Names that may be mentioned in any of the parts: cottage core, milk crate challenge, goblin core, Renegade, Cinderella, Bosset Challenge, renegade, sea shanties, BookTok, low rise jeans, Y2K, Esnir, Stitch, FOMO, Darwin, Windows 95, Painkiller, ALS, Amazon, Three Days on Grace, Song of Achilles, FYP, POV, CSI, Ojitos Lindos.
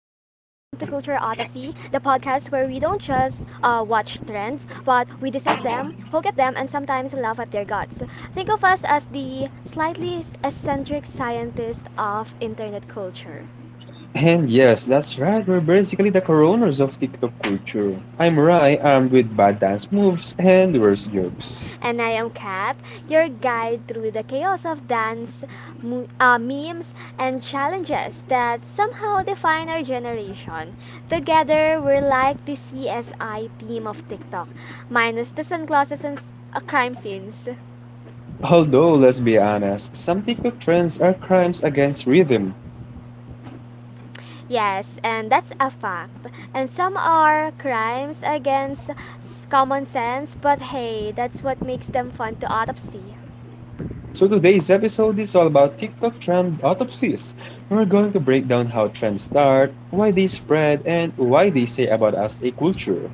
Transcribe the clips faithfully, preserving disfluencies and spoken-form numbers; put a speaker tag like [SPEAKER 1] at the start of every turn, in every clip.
[SPEAKER 1] we don't just uh, watch trends, but we dissect them, poke at them, and sometimes laugh at their guts. Think of us as the slightly eccentric scientists of internet culture.
[SPEAKER 2] And yes, that's right. We're basically the coroners of TikTok culture. I'm Rai, armed with bad dance moves and worse jokes.
[SPEAKER 1] And I am Kat, your guide through the chaos of dance, mu- uh, memes, and challenges that somehow define our generation. Together, we're like the C S I team of TikTok, minus the sunglasses and s- uh, crime scenes.
[SPEAKER 2] Although, let's be honest, some TikTok trends are crimes against rhythm.
[SPEAKER 1] Yes, and that's a fact. And some are crimes against s- common sense, but hey, that's what makes them fun to autopsy.
[SPEAKER 2] So today's episode is all about TikTok trend autopsies. We're going to break down how trends start, why they spread, and why they say about us a culture.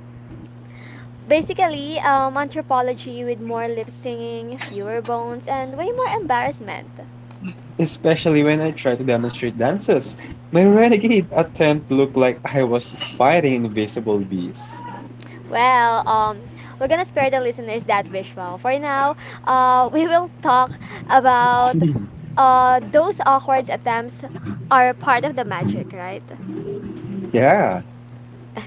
[SPEAKER 1] Basically, um, anthropology with more lip singing, fewer bones, and way more embarrassment.
[SPEAKER 2] Especially when I try to demonstrate dances. My renegade attempt looked like I was fighting invisible bees.
[SPEAKER 1] Well, um, we're gonna spare the listeners that visual. For now, uh, we will talk about uh, those awkward attempts are part of the magic, right?
[SPEAKER 2] Yeah,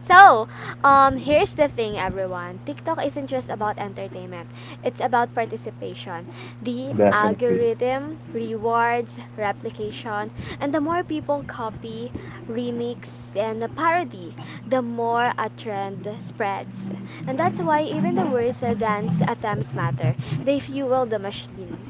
[SPEAKER 1] So, um, here's the thing, everyone. TikTok isn't just about entertainment, it's about participation. The
[SPEAKER 2] definitely.
[SPEAKER 1] algorithm, rewards, replication, and the more people copy, remix, and parody, the more a trend spreads. And that's why even the worst uh, dance attempts matter, they fuel the machine.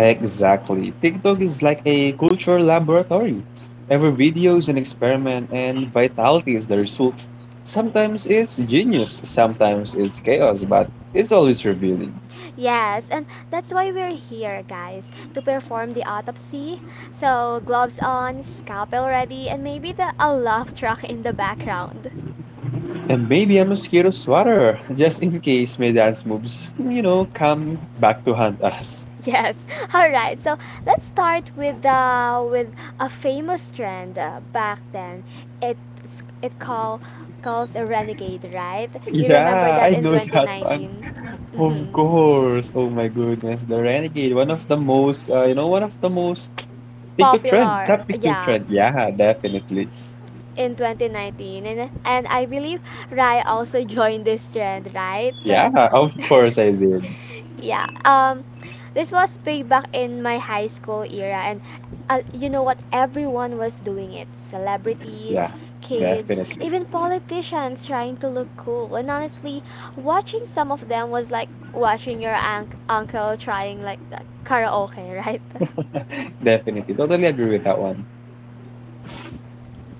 [SPEAKER 2] Exactly. TikTok is like a culture laboratory. Every video is an experiment, and vitality is the result. Sometimes it's genius, sometimes it's chaos, but it's always revealing.
[SPEAKER 1] Yes, and that's why we're here, guys, to perform the autopsy. So, gloves on, scalpel ready, and maybe the a love truck in the background.
[SPEAKER 2] And maybe a mosquito swatter, just in case my dance moves, you know, come back to haunt us.
[SPEAKER 1] Yes. All right. So, let's start with the with a famous trend uh, back then. It it call calls a renegade, right? You remember
[SPEAKER 2] Yeah,
[SPEAKER 1] that
[SPEAKER 2] I
[SPEAKER 1] in
[SPEAKER 2] know that one.
[SPEAKER 1] twenty nineteen?
[SPEAKER 2] Of
[SPEAKER 1] Mhm.
[SPEAKER 2] course. Oh my goodness, the Renegade, one of the most, uh, you know, one of the most TikTok trend,
[SPEAKER 1] Popular.
[SPEAKER 2] not TikTok
[SPEAKER 1] Yeah.
[SPEAKER 2] trend. Yeah, definitely.
[SPEAKER 1] In twenty nineteen, and, and I believe Rai also joined this trend, right?
[SPEAKER 2] Yeah, of course I did.
[SPEAKER 1] Yeah. Um this was big back in my high school era, and uh, you know what, everyone was doing it, celebrities,
[SPEAKER 2] Yeah,
[SPEAKER 1] kids,
[SPEAKER 2] definitely.
[SPEAKER 1] even politicians trying to look cool, and honestly, watching some of them was like watching your un- uncle trying like karaoke, right?
[SPEAKER 2] Definitely. Totally agree with that one.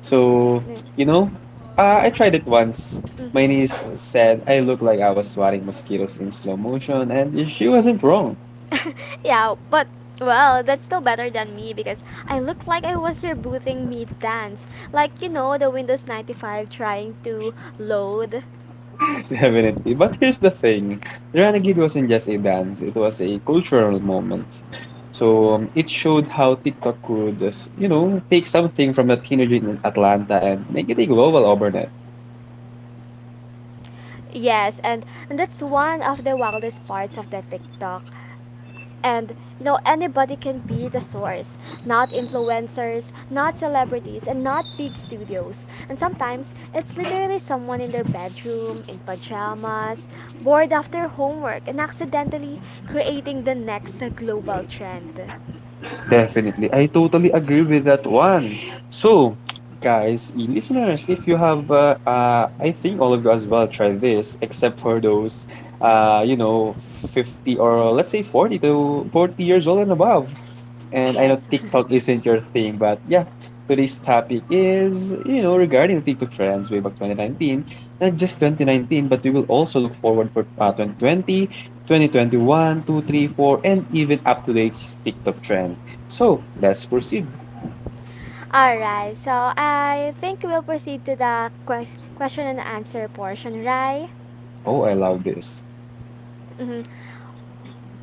[SPEAKER 2] So, you know, uh, I tried it once. My niece
[SPEAKER 1] Mm-hmm.
[SPEAKER 2] said I looked like I was swatting mosquitoes in slow motion, and she wasn't wrong.
[SPEAKER 1] Yeah, but well, that's still better than me because I look like I was rebooting mid dance. Like, you know, the Windows ninety-five trying to load.
[SPEAKER 2] Definitely. But here's the thing, Renegade wasn't just a dance, it was a cultural moment. So um, it showed how TikTok could just, you know, take something from a teenager in Atlanta and make it a global overnight.
[SPEAKER 1] Yes, and, and that's one of the wildest parts of the TikTok. And you know, anybody can be the source, not influencers, not celebrities, and not big studios, and sometimes it's literally someone in their bedroom in pajamas, bored after homework, and accidentally creating the next uh, global trend.
[SPEAKER 2] Definitely. I totally agree with that one. So, guys, y- listeners, if you have, uh, uh, I think all of you as well try this, except for those, uh, you know, fifty or let's say forty to forty years old and above. And I
[SPEAKER 1] Yes.
[SPEAKER 2] know TikTok isn't your thing, but yeah, today's topic is, you know, regarding the TikTok trends way back twenty nineteen, not just twenty nineteen, but we will also look forward for uh, twenty twenty, twenty twenty-one, two, three, four, and even up to date TikTok trend. So let's proceed.
[SPEAKER 1] All right, so I think we'll proceed to the quest- question and answer portion, right?
[SPEAKER 2] Oh, I love this.
[SPEAKER 1] Mm-hmm.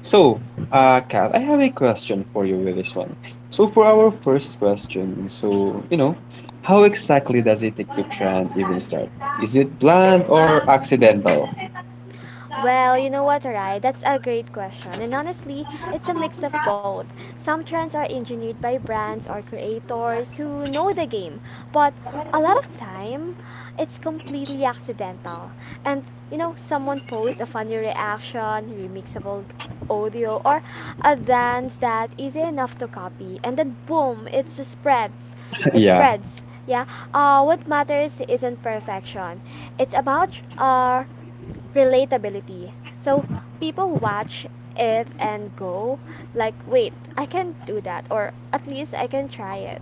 [SPEAKER 2] So, uh, Kat, I have a question for you with this one. So, for our first question, so, you know, how exactly does a TikTok trend even start? Is it planned or accidental?
[SPEAKER 1] Well, you know what, Arai? That's a great question. And honestly, it's a mix of both. Some trends are engineered by brands or creators who know the game, but a lot of time, it's completely accidental. And, you know, someone posts a funny reaction, remixable audio, or a dance that is enough to copy. And then, boom, it spreads. It
[SPEAKER 2] Yeah,
[SPEAKER 1] spreads. Yeah. Uh, what matters isn't perfection. It's about uh, relatability. So people watch it and go, like, wait, I can do that, or at least I can try it.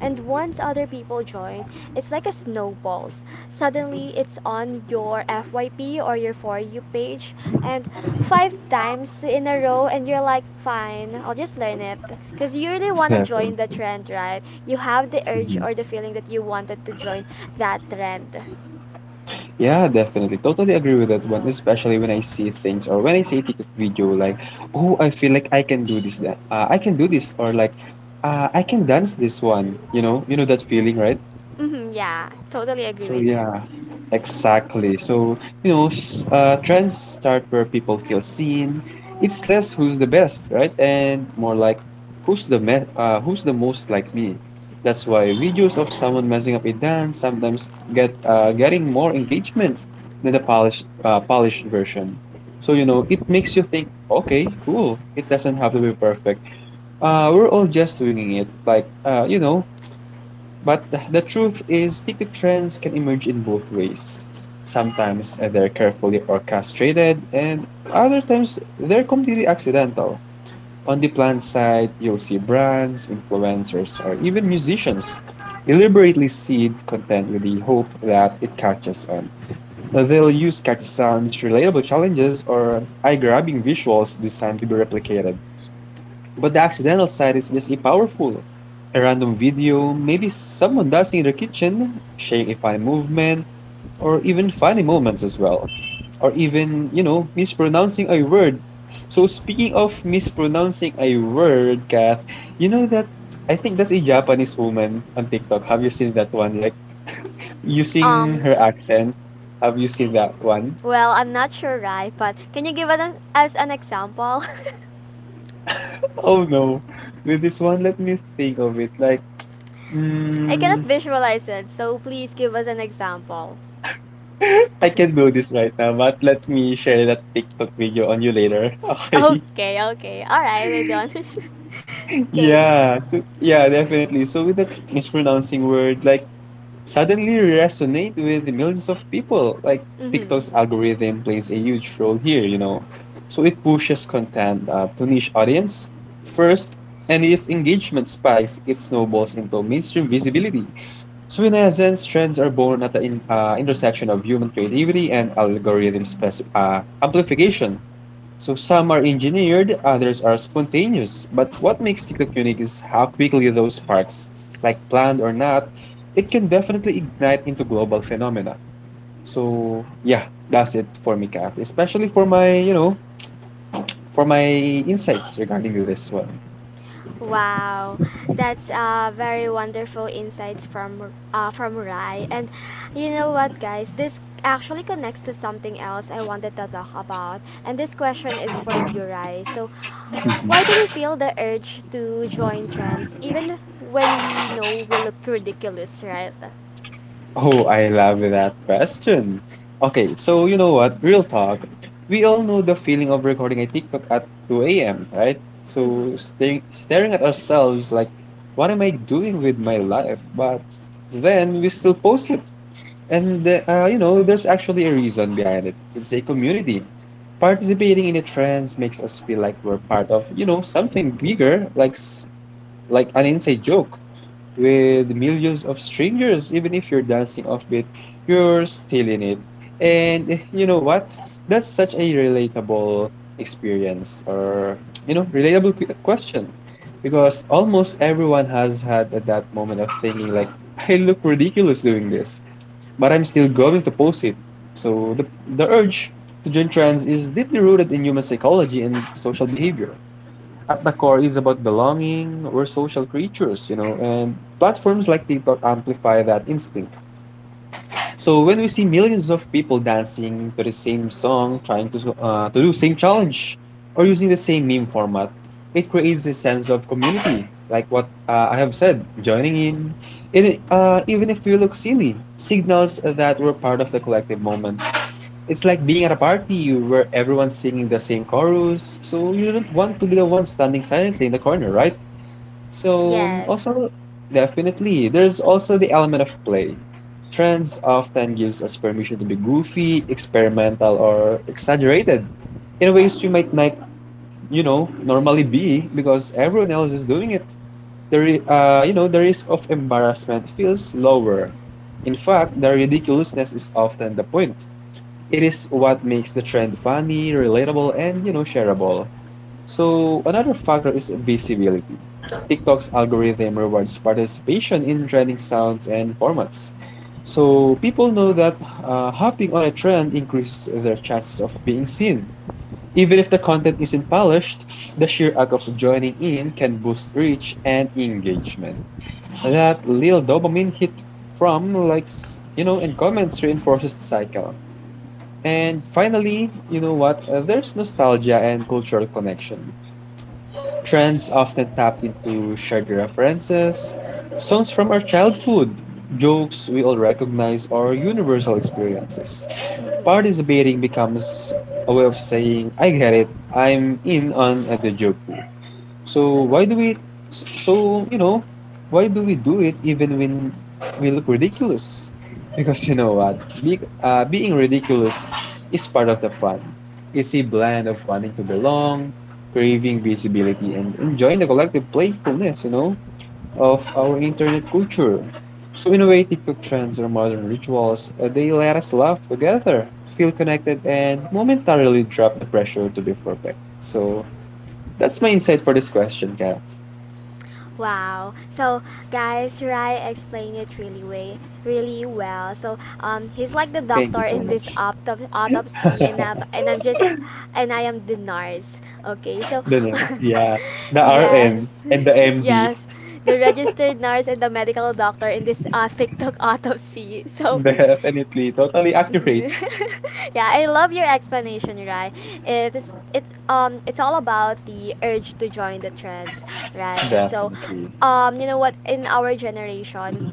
[SPEAKER 1] And once other people join, it's like a snowballs. Suddenly, it's on your F Y P or your For You page, and five times in a row, and you're like, fine, I'll just learn it. Because you really want to join the
[SPEAKER 2] definitely.
[SPEAKER 1] trend, right? You have the urge
[SPEAKER 2] Mhm.
[SPEAKER 1] or the feeling that you wanted to join that trend.
[SPEAKER 2] Yeah, definitely. Totally agree with that one, especially when I see things or when I see a TikTok video like, oh, I feel like I can do this, that- uh, I can do this, or like, uh, I can dance this one. You know, you know that feeling, right?
[SPEAKER 1] Hmm, yeah, totally agree
[SPEAKER 2] So
[SPEAKER 1] with you.
[SPEAKER 2] yeah, exactly. So you know, s- uh, trends start where people feel seen. It's less who's the best, right? And more like who's the me- uh, who's the most like me. That's why videos of someone messing up a dance sometimes get uh, getting more engagement than the polished uh, polished version. So you know, it makes you think, okay, cool. It doesn't have to be perfect uh, we're all just winging it. Like, uh, you know, but the, the truth is, ticket trends can emerge in both ways. Sometimes uh, they're carefully orchestrated, and other times they're completely accidental. On the plant side, you'll see brands, influencers, or even musicians deliberately seed content with the hope that it catches on. Uh, They'll use catchy sounds, relatable challenges, or eye grabbing visuals designed to be replicated. But the accidental side is just a powerful. A random video, maybe someone dancing in their kitchen, sharing a funny movement, or even funny moments as well. Or even, you know, mispronouncing a word. So speaking of mispronouncing a word, Kath, you know that I think that's a Japanese woman on TikTok. Have you seen that one? Like using
[SPEAKER 1] Um,
[SPEAKER 2] her accent. Have you seen that one?
[SPEAKER 1] well, I'm not sure, right? But can you give an, us an example?
[SPEAKER 2] Oh no. With this one, let me think of it. Like,
[SPEAKER 1] I cannot
[SPEAKER 2] mm,
[SPEAKER 1] visualize it, so please give us an example.
[SPEAKER 2] I can do this right now, but let me share that TikTok video on you later. Okay.
[SPEAKER 1] Okay, okay. All right, I don't. Okay.
[SPEAKER 2] Yeah. So yeah, definitely. So with that mispronouncing word, like suddenly resonate with millions of people. Like
[SPEAKER 1] Mm-hmm.
[SPEAKER 2] TikTok's algorithm plays a huge role here, you know. So it pushes content uh, to niche audience first, and if engagement spikes, it snowballs into mainstream visibility. So in essence, trends are born at the in, uh, intersection of human creativity and algorithm spec- uh, amplification. So some are engineered, others are spontaneous. But what makes TikTok unique is how quickly those sparks, like planned or not, it can definitely ignite into global phenomena. So yeah, that's it for me, Kath. Especially for my, you know, for my insights regarding to this one.
[SPEAKER 1] Wow, that's uh, very wonderful insights from uh, from Rai. And you know what, guys? This actually connects to something else I wanted to talk about. And this question is for you, Rai. So, why do we feel the urge to join trends even when we know we look ridiculous, right?
[SPEAKER 2] Oh, I love that question. Okay, so you know what? Real talk. We all know the feeling of recording a TikTok at two a m, right? So
[SPEAKER 1] Mm-hmm.
[SPEAKER 2] staring, staring at ourselves like, what am I doing with my life? But then we still post it. And the- uh, you know, there's actually a reason behind it. It's a community. Participating in the trends makes us feel like we're part of, you know, something bigger, like s- like an inside joke with millions of strangers, even if you're dancing offbeat, you're still in it. And eh, you know what? That's such a relatable experience or, you know, relatable que- question because almost everyone has had at that moment of thinking, like, I look ridiculous doing this, but I'm still going to post it. So the, the urge to join trends is deeply rooted in human psychology and social behavior at the core is about belonging. We're social creatures, you know, and platforms like TikTok amplify that instinct. So when we see millions of people dancing to the same song, trying to uh, to do same challenge, or using the same meme format, it creates a sense of community. Like what uh, I have said, joining in, it, uh, even if we look silly, signals that we're part of the collective moment. It's like being at a party where everyone's singing the same chorus, so you don't want to be the one standing silently in the corner, right? So,
[SPEAKER 1] Yes.
[SPEAKER 2] also, definitely, there's also the element of play. Trends often gives us permission to be goofy, experimental, or exaggerated in ways you might not, you know, normally be because everyone else is doing it. The, ri- uh, you know, the risk of embarrassment feels lower. In fact, the ridiculousness is often the point. It is what makes the trend funny, relatable, and, you know, shareable. So another factor is visibility. TikTok's algorithm rewards participation in trending sounds and formats. So people know that uh, hopping on a trend increases their chances of being seen. Even if the content isn't polished, the sheer act of joining in can boost reach and engagement. That little dopamine hit from likes, you know, and comments reinforces the cycle. And finally, you know what? Uh, there's nostalgia and cultural connection. Trends often tap into shared references, songs from our childhood, jokes we all recognize, or universal experiences.
[SPEAKER 1] Mm-hmm.
[SPEAKER 2] Participating becomes a way of saying, I get it, I'm in on the joke. So why do we? So you know, why do we do it even when we look ridiculous? Because you know what, Be, uh, being ridiculous is part of the fun. It's a blend of wanting to belong, craving visibility, and enjoying the collective playfulness. You know, of our internet culture. So in a way, TikTok trends or modern rituals, uh, they let us laugh together, feel connected, and momentarily drop the pressure to be perfect. So that's my insight for this question, Kat.
[SPEAKER 1] Wow. So guys, Shirai explained it really way really well. So um he's like the
[SPEAKER 2] Thank you
[SPEAKER 1] doctor
[SPEAKER 2] so
[SPEAKER 1] in
[SPEAKER 2] much.
[SPEAKER 1] this autop- autopsy, and um, and I'm just and I am the nurse. Okay. So
[SPEAKER 2] The nurse, yeah. The
[SPEAKER 1] yes.
[SPEAKER 2] R N and the M D.
[SPEAKER 1] Yes. The registered nurse and the medical doctor in this uh, TikTok autopsy. So
[SPEAKER 2] Definitely. Totally accurate.
[SPEAKER 1] Mhm. Yeah, I love your explanation, right? It is it um it's all about the urge to join the trends, right? So,
[SPEAKER 2] Definitely.
[SPEAKER 1] um you know what, in our generation,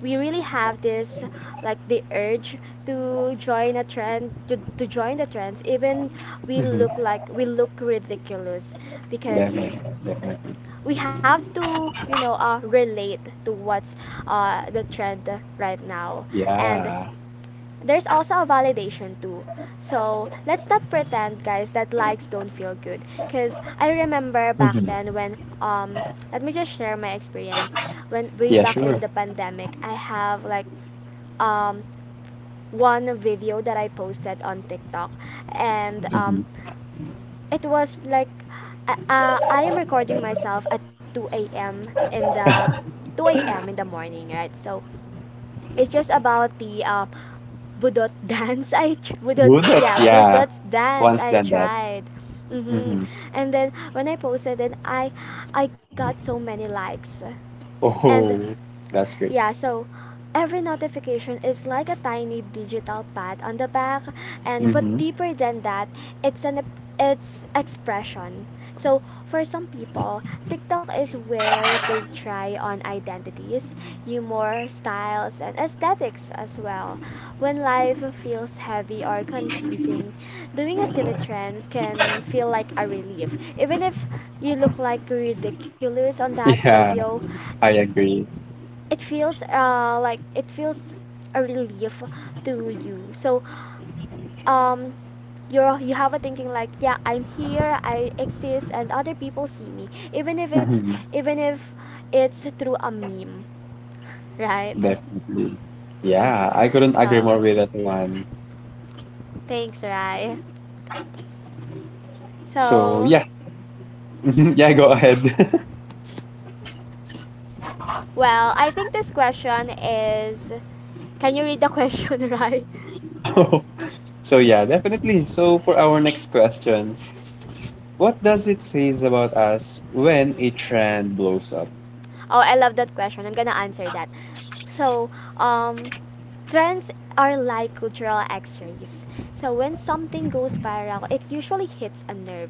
[SPEAKER 1] we really have this like the urge to join a trend to, to join the trends even we
[SPEAKER 2] Mm-hmm.
[SPEAKER 1] look like we look ridiculous, because
[SPEAKER 2] Definitely. Definitely.
[SPEAKER 1] we have to, you know, uh, relate to what's uh, the trend right now. And
[SPEAKER 2] Yeah.
[SPEAKER 1] there's also a validation too. So let's not pretend, guys, that likes don't feel good. Cause I remember back
[SPEAKER 2] Mm-hmm.
[SPEAKER 1] then when um let me just share my experience. When way
[SPEAKER 2] Yeah,
[SPEAKER 1] back in
[SPEAKER 2] sure.
[SPEAKER 1] the pandemic, I have like um one video that I posted on TikTok, and
[SPEAKER 2] Mm-hmm.
[SPEAKER 1] um it was like uh, uh, I am recording myself at two a m in the two a m in the morning, right? So it's just about the um, budot dance. I tr- budot
[SPEAKER 2] Bunot,
[SPEAKER 1] yeah
[SPEAKER 2] yeah.
[SPEAKER 1] Budot dance.
[SPEAKER 2] Once
[SPEAKER 1] I
[SPEAKER 2] done that.
[SPEAKER 1] tried. Hmm.
[SPEAKER 2] Mm-hmm.
[SPEAKER 1] And then when I posted it, I I got so many likes, and
[SPEAKER 2] Oh, that's great.
[SPEAKER 1] yeah, so every notification is like a tiny digital pad on the back, and but
[SPEAKER 2] Mm-hmm.
[SPEAKER 1] deeper than that, it's an ep- it's expression. So for some people, TikTok is where they try on identities, humor, styles and aesthetics as well. When life feels heavy or confusing, doing a silly trend can feel like a relief. Even if you look like ridiculous on that
[SPEAKER 2] Yeah,
[SPEAKER 1] video,
[SPEAKER 2] I agree.
[SPEAKER 1] it feels uh, like it feels a relief to you. So um you're you have a thinking like, yeah, I'm here, I exist, and other people see me, even if it's
[SPEAKER 2] Mm-hmm.
[SPEAKER 1] even if it's through a meme. Right.
[SPEAKER 2] Definitely.
[SPEAKER 1] Mhm.
[SPEAKER 2] Yeah, I couldn't agree
[SPEAKER 1] So,
[SPEAKER 2] more with that one.
[SPEAKER 1] thanks, Rai.
[SPEAKER 2] So,
[SPEAKER 1] So,
[SPEAKER 2] yeah. Mhm. Yeah, go ahead.
[SPEAKER 1] well, I think this question is, can you read the question, Rai?
[SPEAKER 2] So yeah, definitely. So for our next question, what does it says about us when a trend blows up?
[SPEAKER 1] Oh, I love that question. I'm gonna answer that. So, um, trends are like cultural x-rays. So when something goes viral, it usually hits a nerve.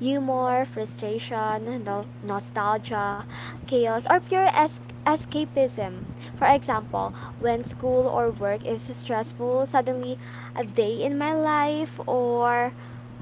[SPEAKER 1] Humor, frustration, no- nostalgia, chaos, or pure es- escapism. For example, when school or work is stressful, suddenly a day in my life or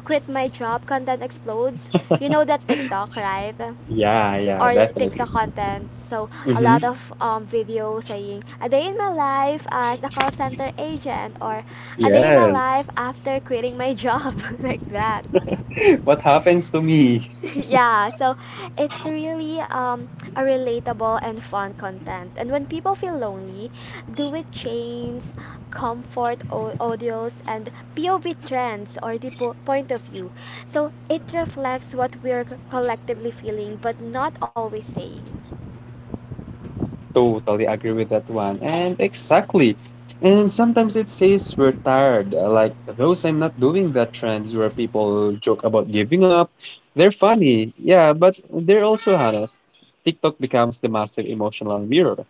[SPEAKER 1] quit my job content explodes. You know that TikTok, right?
[SPEAKER 2] Yeah, yeah,
[SPEAKER 1] Or TikTok
[SPEAKER 2] definitely.
[SPEAKER 1] content. So a lot
[SPEAKER 2] Mm-hmm.
[SPEAKER 1] of um, video saying a day in my life as a call center agent or a day in my
[SPEAKER 2] Yes.
[SPEAKER 1] life after quitting my job like that.
[SPEAKER 2] What happens to me?
[SPEAKER 1] Yeah, so it's really um, a relatable and fun content. And when people feel lonely, do it chains, comfort au- audios, and P O V trends or the po- point of view. So it reflects what we're collectively feeling but not always saying.
[SPEAKER 2] Totally agree with that one. And exactly. And sometimes it says we're tired. uh, Like those I'm not doing that trends where people joke about giving up. They're funny, yeah, but they're also honest. TikTok becomes the massive emotional mirror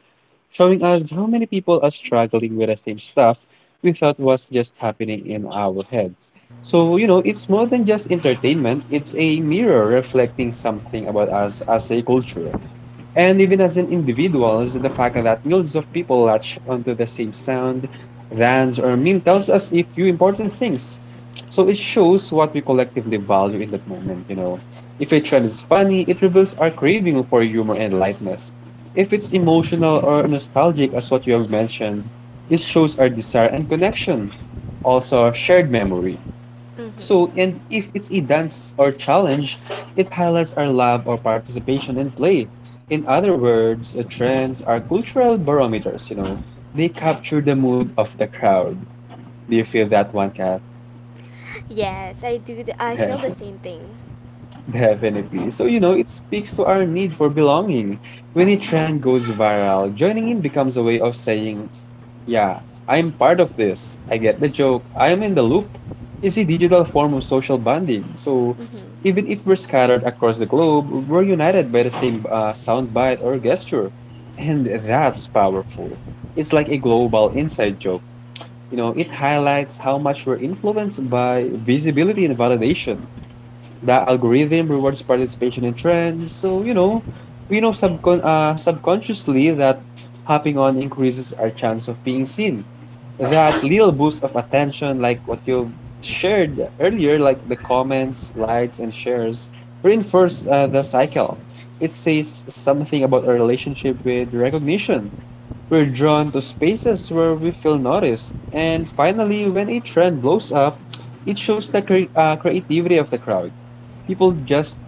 [SPEAKER 2] showing us how many people are struggling with the same stuff we thought was just happening in our heads. So, you know, it's more than just entertainment, it's a mirror reflecting something about us as a culture. And even as an individuals, the fact that millions of people latch onto the same sound, dance, or meme tells us a few important things. So it shows what we collectively value in that moment, you know. If a trend is funny, it reveals our craving for humor and lightness. If it's emotional or nostalgic, as what you have mentioned, this shows our desire and connection, also shared memory.
[SPEAKER 1] Mm-hmm.
[SPEAKER 2] So, and if it's a dance or challenge, it highlights our love or participation in play. In other words, uh, trends are cultural barometers, you know, they capture the mood of the crowd. Do you feel that one, Kat?
[SPEAKER 1] Yes, I do. th- I feel the same thing.
[SPEAKER 2] Definitely. So, you know, it speaks to our need for belonging. When a trend goes viral, joining in becomes a way of saying, yeah, I'm part of this. I get the joke. I'm in the loop. It's a digital form of social bonding. So,
[SPEAKER 1] Mhm.
[SPEAKER 2] even if we're scattered across the globe, we're united by the same uh, soundbite or gesture. And that's powerful. It's like a global inside joke. You know, it highlights how much we're influenced by visibility and validation. The algorithm rewards participation in trends. So, you know, we know subcon- uh, subconsciously that hopping on increases our chance of being seen. That little boost of attention, like what you shared earlier, like the comments, likes, and shares, reinforce uh, the cycle. It says something about our relationship with recognition. We're drawn to spaces where we feel noticed. And finally, when a trend blows up, it shows the cre- uh, creativity of the crowd. People just,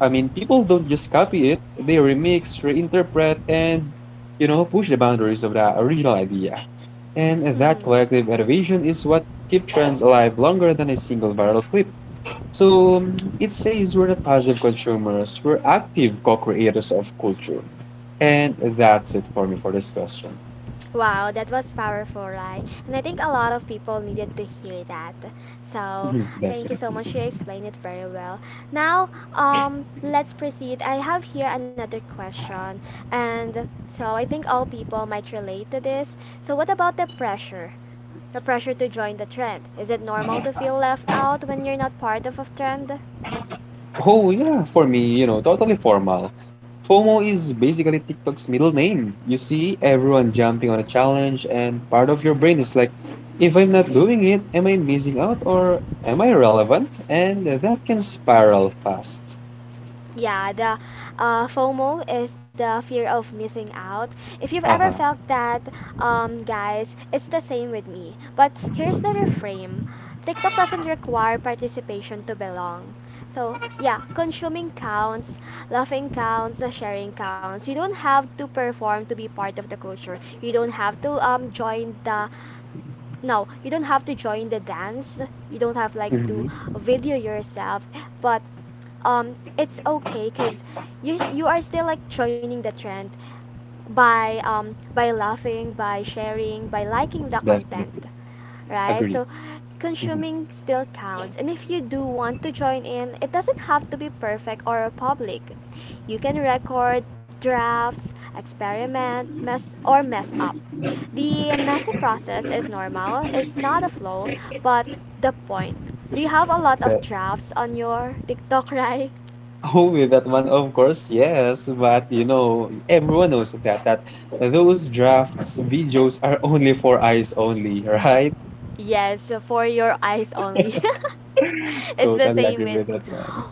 [SPEAKER 2] I mean, People don't just copy it, they remix, reinterpret, and, you know, push the boundaries of the original idea. And that
[SPEAKER 1] Mhm.
[SPEAKER 2] collective innovation is what keeps trends alive longer than a single viral clip. So um, it says we're not passive consumers, we're active co creators of culture. And that's it for me for this question.
[SPEAKER 1] Wow, that was powerful, right? And I think a lot of people needed to hear that. So,
[SPEAKER 2] Mhm.
[SPEAKER 1] thank you so
[SPEAKER 2] Definitely.
[SPEAKER 1] much. You explained it very well. Now, um, let's proceed. I have here another question, and so I think all people might relate to this. So, what about the pressure? The pressure to join the trend. Is it normal to feel left out when you're not part of a trend?
[SPEAKER 2] Oh, yeah, for me, you know, totally formal. FOMO is basically TikTok's middle name. You see everyone jumping on a challenge, and part of your brain is like, if I'm not doing it, am I missing out or am I relevant? And that can spiral fast.
[SPEAKER 1] Yeah, the uh, FOMO is the fear of missing out. If you've ever
[SPEAKER 2] Uh huh.
[SPEAKER 1] felt that, um, guys, it's the same with me. But here's the reframe, TikTok doesn't require participation to belong. So, yeah, consuming counts, laughing counts, the sharing counts. You don't have to perform to be part of the culture. You don't have to um, join the no you don't have to join the dance, you don't have like to
[SPEAKER 2] Mm-hmm.
[SPEAKER 1] video yourself, but um it's okay because you, s- you are still like joining the trend by um by laughing, by sharing, by liking the content,
[SPEAKER 2] Definitely.
[SPEAKER 1] right?
[SPEAKER 2] Agree.
[SPEAKER 1] So
[SPEAKER 2] Hmm.
[SPEAKER 1] consuming still counts. And if you do want to join in, it doesn't have to be perfect or public. You can record drafts, experiment, mess or mess up. The messy process is normal. It's not a flaw, but the point. Do you have a lot of
[SPEAKER 2] That,
[SPEAKER 1] drafts on your TikTok, right?
[SPEAKER 2] oh, with that one, of course, yes. But, you know, everyone knows that, that those drafts videos are only for eyes only, right?
[SPEAKER 1] Yes, for your eyes only. It's the
[SPEAKER 2] Totally
[SPEAKER 1] same
[SPEAKER 2] agree
[SPEAKER 1] with
[SPEAKER 2] with
[SPEAKER 1] me.
[SPEAKER 2] that one.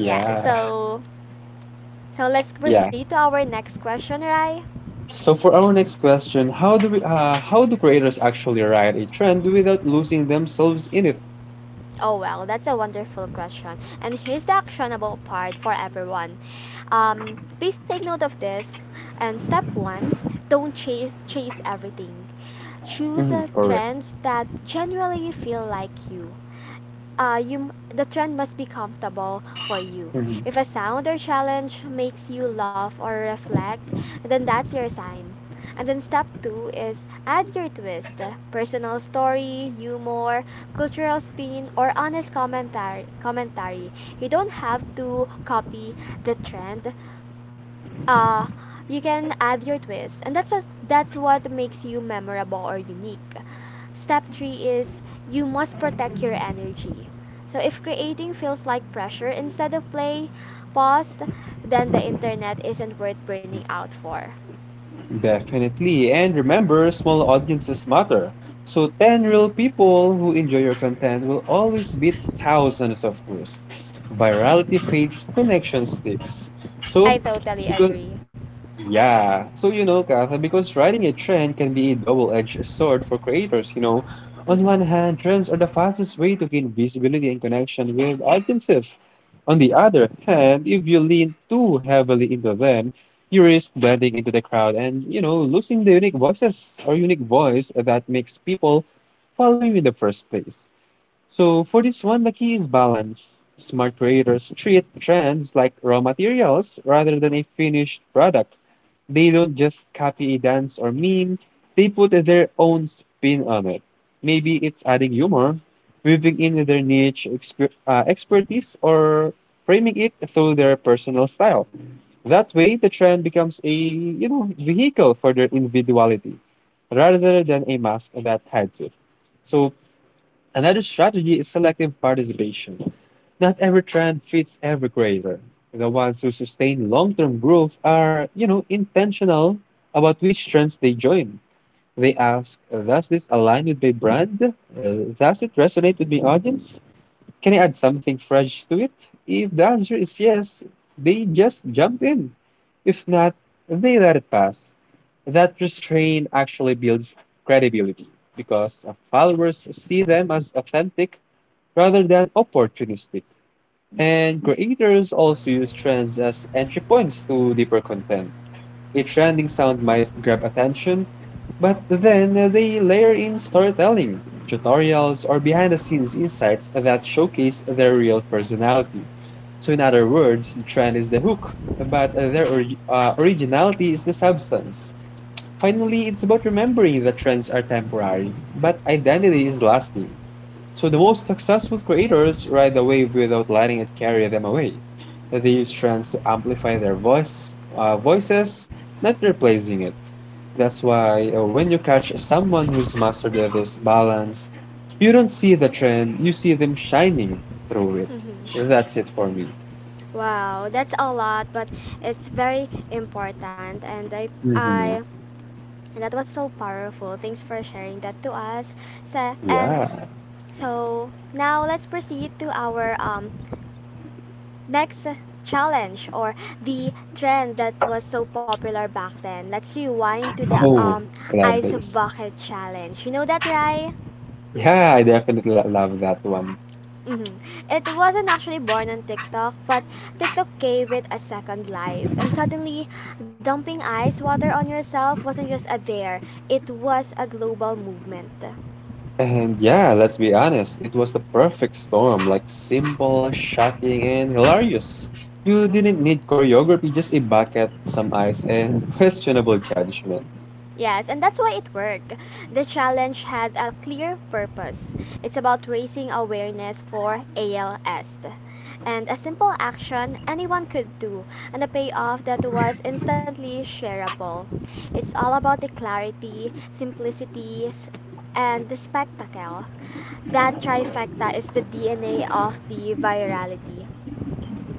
[SPEAKER 1] Yeah, so so let's
[SPEAKER 2] Yeah.
[SPEAKER 1] proceed to our next question, right?
[SPEAKER 2] So for our next question, how do we uh, how do creators actually ride a trend without losing themselves in it?
[SPEAKER 1] Oh well, that's a wonderful question. And here's the actionable part for everyone. Um, please take note of this. And step one, don't chase chase everything. Choose
[SPEAKER 2] Hmm,
[SPEAKER 1] uh,
[SPEAKER 2] correct.
[SPEAKER 1] trends that genuinely feel like you, uh, you m- the trend must be comfortable for you.
[SPEAKER 2] Hmm.
[SPEAKER 1] If a sound or challenge makes you laugh or reflect, then that's your sign. And then step two is add your twist, personal story, humor, cultural spin, or honest commentary. Commentary. You don't have to copy the trend, uh, you can add your twist, and that's what that's what makes you memorable or unique. Step three is you must protect your energy. So if creating feels like pressure instead of play, pause, then the internet isn't worth burning out for.
[SPEAKER 2] Definitely. And remember, small audiences matter. So ten real people who enjoy your content will always beat thousands of posts. Virality fades, connection sticks.
[SPEAKER 1] I
[SPEAKER 2] So
[SPEAKER 1] totally
[SPEAKER 2] because
[SPEAKER 1] agree.
[SPEAKER 2] yeah. So, you know, Katha, because riding a trend can be a double-edged sword for creators, you know. On one
[SPEAKER 1] Mm-hmm.
[SPEAKER 2] hand, trends are the fastest way to gain visibility and connection with audiences. On the other hand, if you lean too heavily into them, you risk blending into the crowd and, you know, losing the unique voices or unique voice that makes people follow you in the first place. So for this one, the key is balance. Smart creators treat trends like raw materials rather than a finished product. They don't just copy a dance or meme, they put their own spin on it. Maybe it's adding humor, weaving in their niche exper- uh, expertise, or framing it through their personal style. That way, the trend becomes a you know vehicle for their individuality rather than a mask that hides it. So another strategy is selective participation. Not every trend fits every creator. The ones who sustain long-term growth are, you know, intentional about which trends they join. They ask, does this align with my brand? Uh, does it resonate with my audience? Can I add something fresh to it? If the answer is yes, they just jump in. If not, they let it pass. That restraint actually builds credibility because uh, followers see them as authentic rather than opportunistic. And creators also use trends as entry points to deeper content. A trending sound might grab attention, but then they layer in storytelling, tutorials, or behind the scenes insights that showcase their real personality. So, in other words, the trend is the hook, but their orig- uh, originality is the substance. Finally, it's about remembering that trends are temporary, but identity is lasting. So the most successful creators ride the wave without letting it carry them away. They use trends to amplify their voice, uh, voices, not replacing it. That's why uh, when you catch someone who's mastered this balance, you don't see the trend, you see them shining through it.
[SPEAKER 1] Mm-hmm.
[SPEAKER 2] That's it for me.
[SPEAKER 1] Wow, that's a lot, but it's very important, and I, I,
[SPEAKER 2] Hmm.
[SPEAKER 1] and that was so powerful. Thanks for sharing that to us. So, and
[SPEAKER 2] Yeah.
[SPEAKER 1] So now let's proceed to our um, next challenge or the trend that was so popular back then. Let's rewind to the
[SPEAKER 2] Oh,
[SPEAKER 1] um,
[SPEAKER 2] love
[SPEAKER 1] ice
[SPEAKER 2] this.
[SPEAKER 1] bucket challenge. You know that, right?
[SPEAKER 2] Yeah, I definitely lo- love that one.
[SPEAKER 1] Mhm. It wasn't actually born on TikTok, but TikTok gave it a second life. And suddenly, dumping ice water on yourself wasn't just a dare, it was a global movement.
[SPEAKER 2] And yeah, let's be honest, it was the perfect storm, like simple, shocking, and hilarious. You didn't need choreography, just a bucket, some ice, and questionable judgment.
[SPEAKER 1] Yes, and that's why it worked. The challenge had a clear purpose. It's about raising awareness for A L S. And a simple action anyone could do, and a payoff that was instantly shareable. It's all about the clarity, simplicity, s- and the spectacle. That trifecta is the D N A of the virality.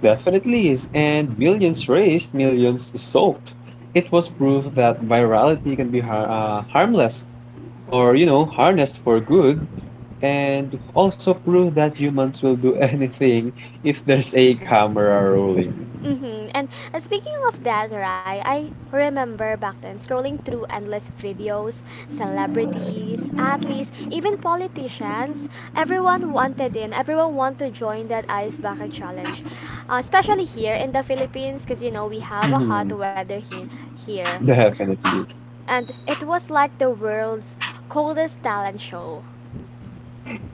[SPEAKER 2] Definitely is, and millions raised, millions soaked. It was proof that virality can be har uh, harmless or, you know, harnessed for good, and also prove that humans will do anything if there's a camera rolling.
[SPEAKER 1] Mm-hmm. And uh, speaking of that, right, I remember back then scrolling through endless videos, celebrities, athletes, even politicians. Everyone wanted in, everyone wanted to join that ice bucket challenge. Uh, especially here in the Philippines, because you know we have a hot
[SPEAKER 2] Mhm.
[SPEAKER 1] weather he- here.
[SPEAKER 2] Definitely.
[SPEAKER 1] And it was like the world's coldest talent show.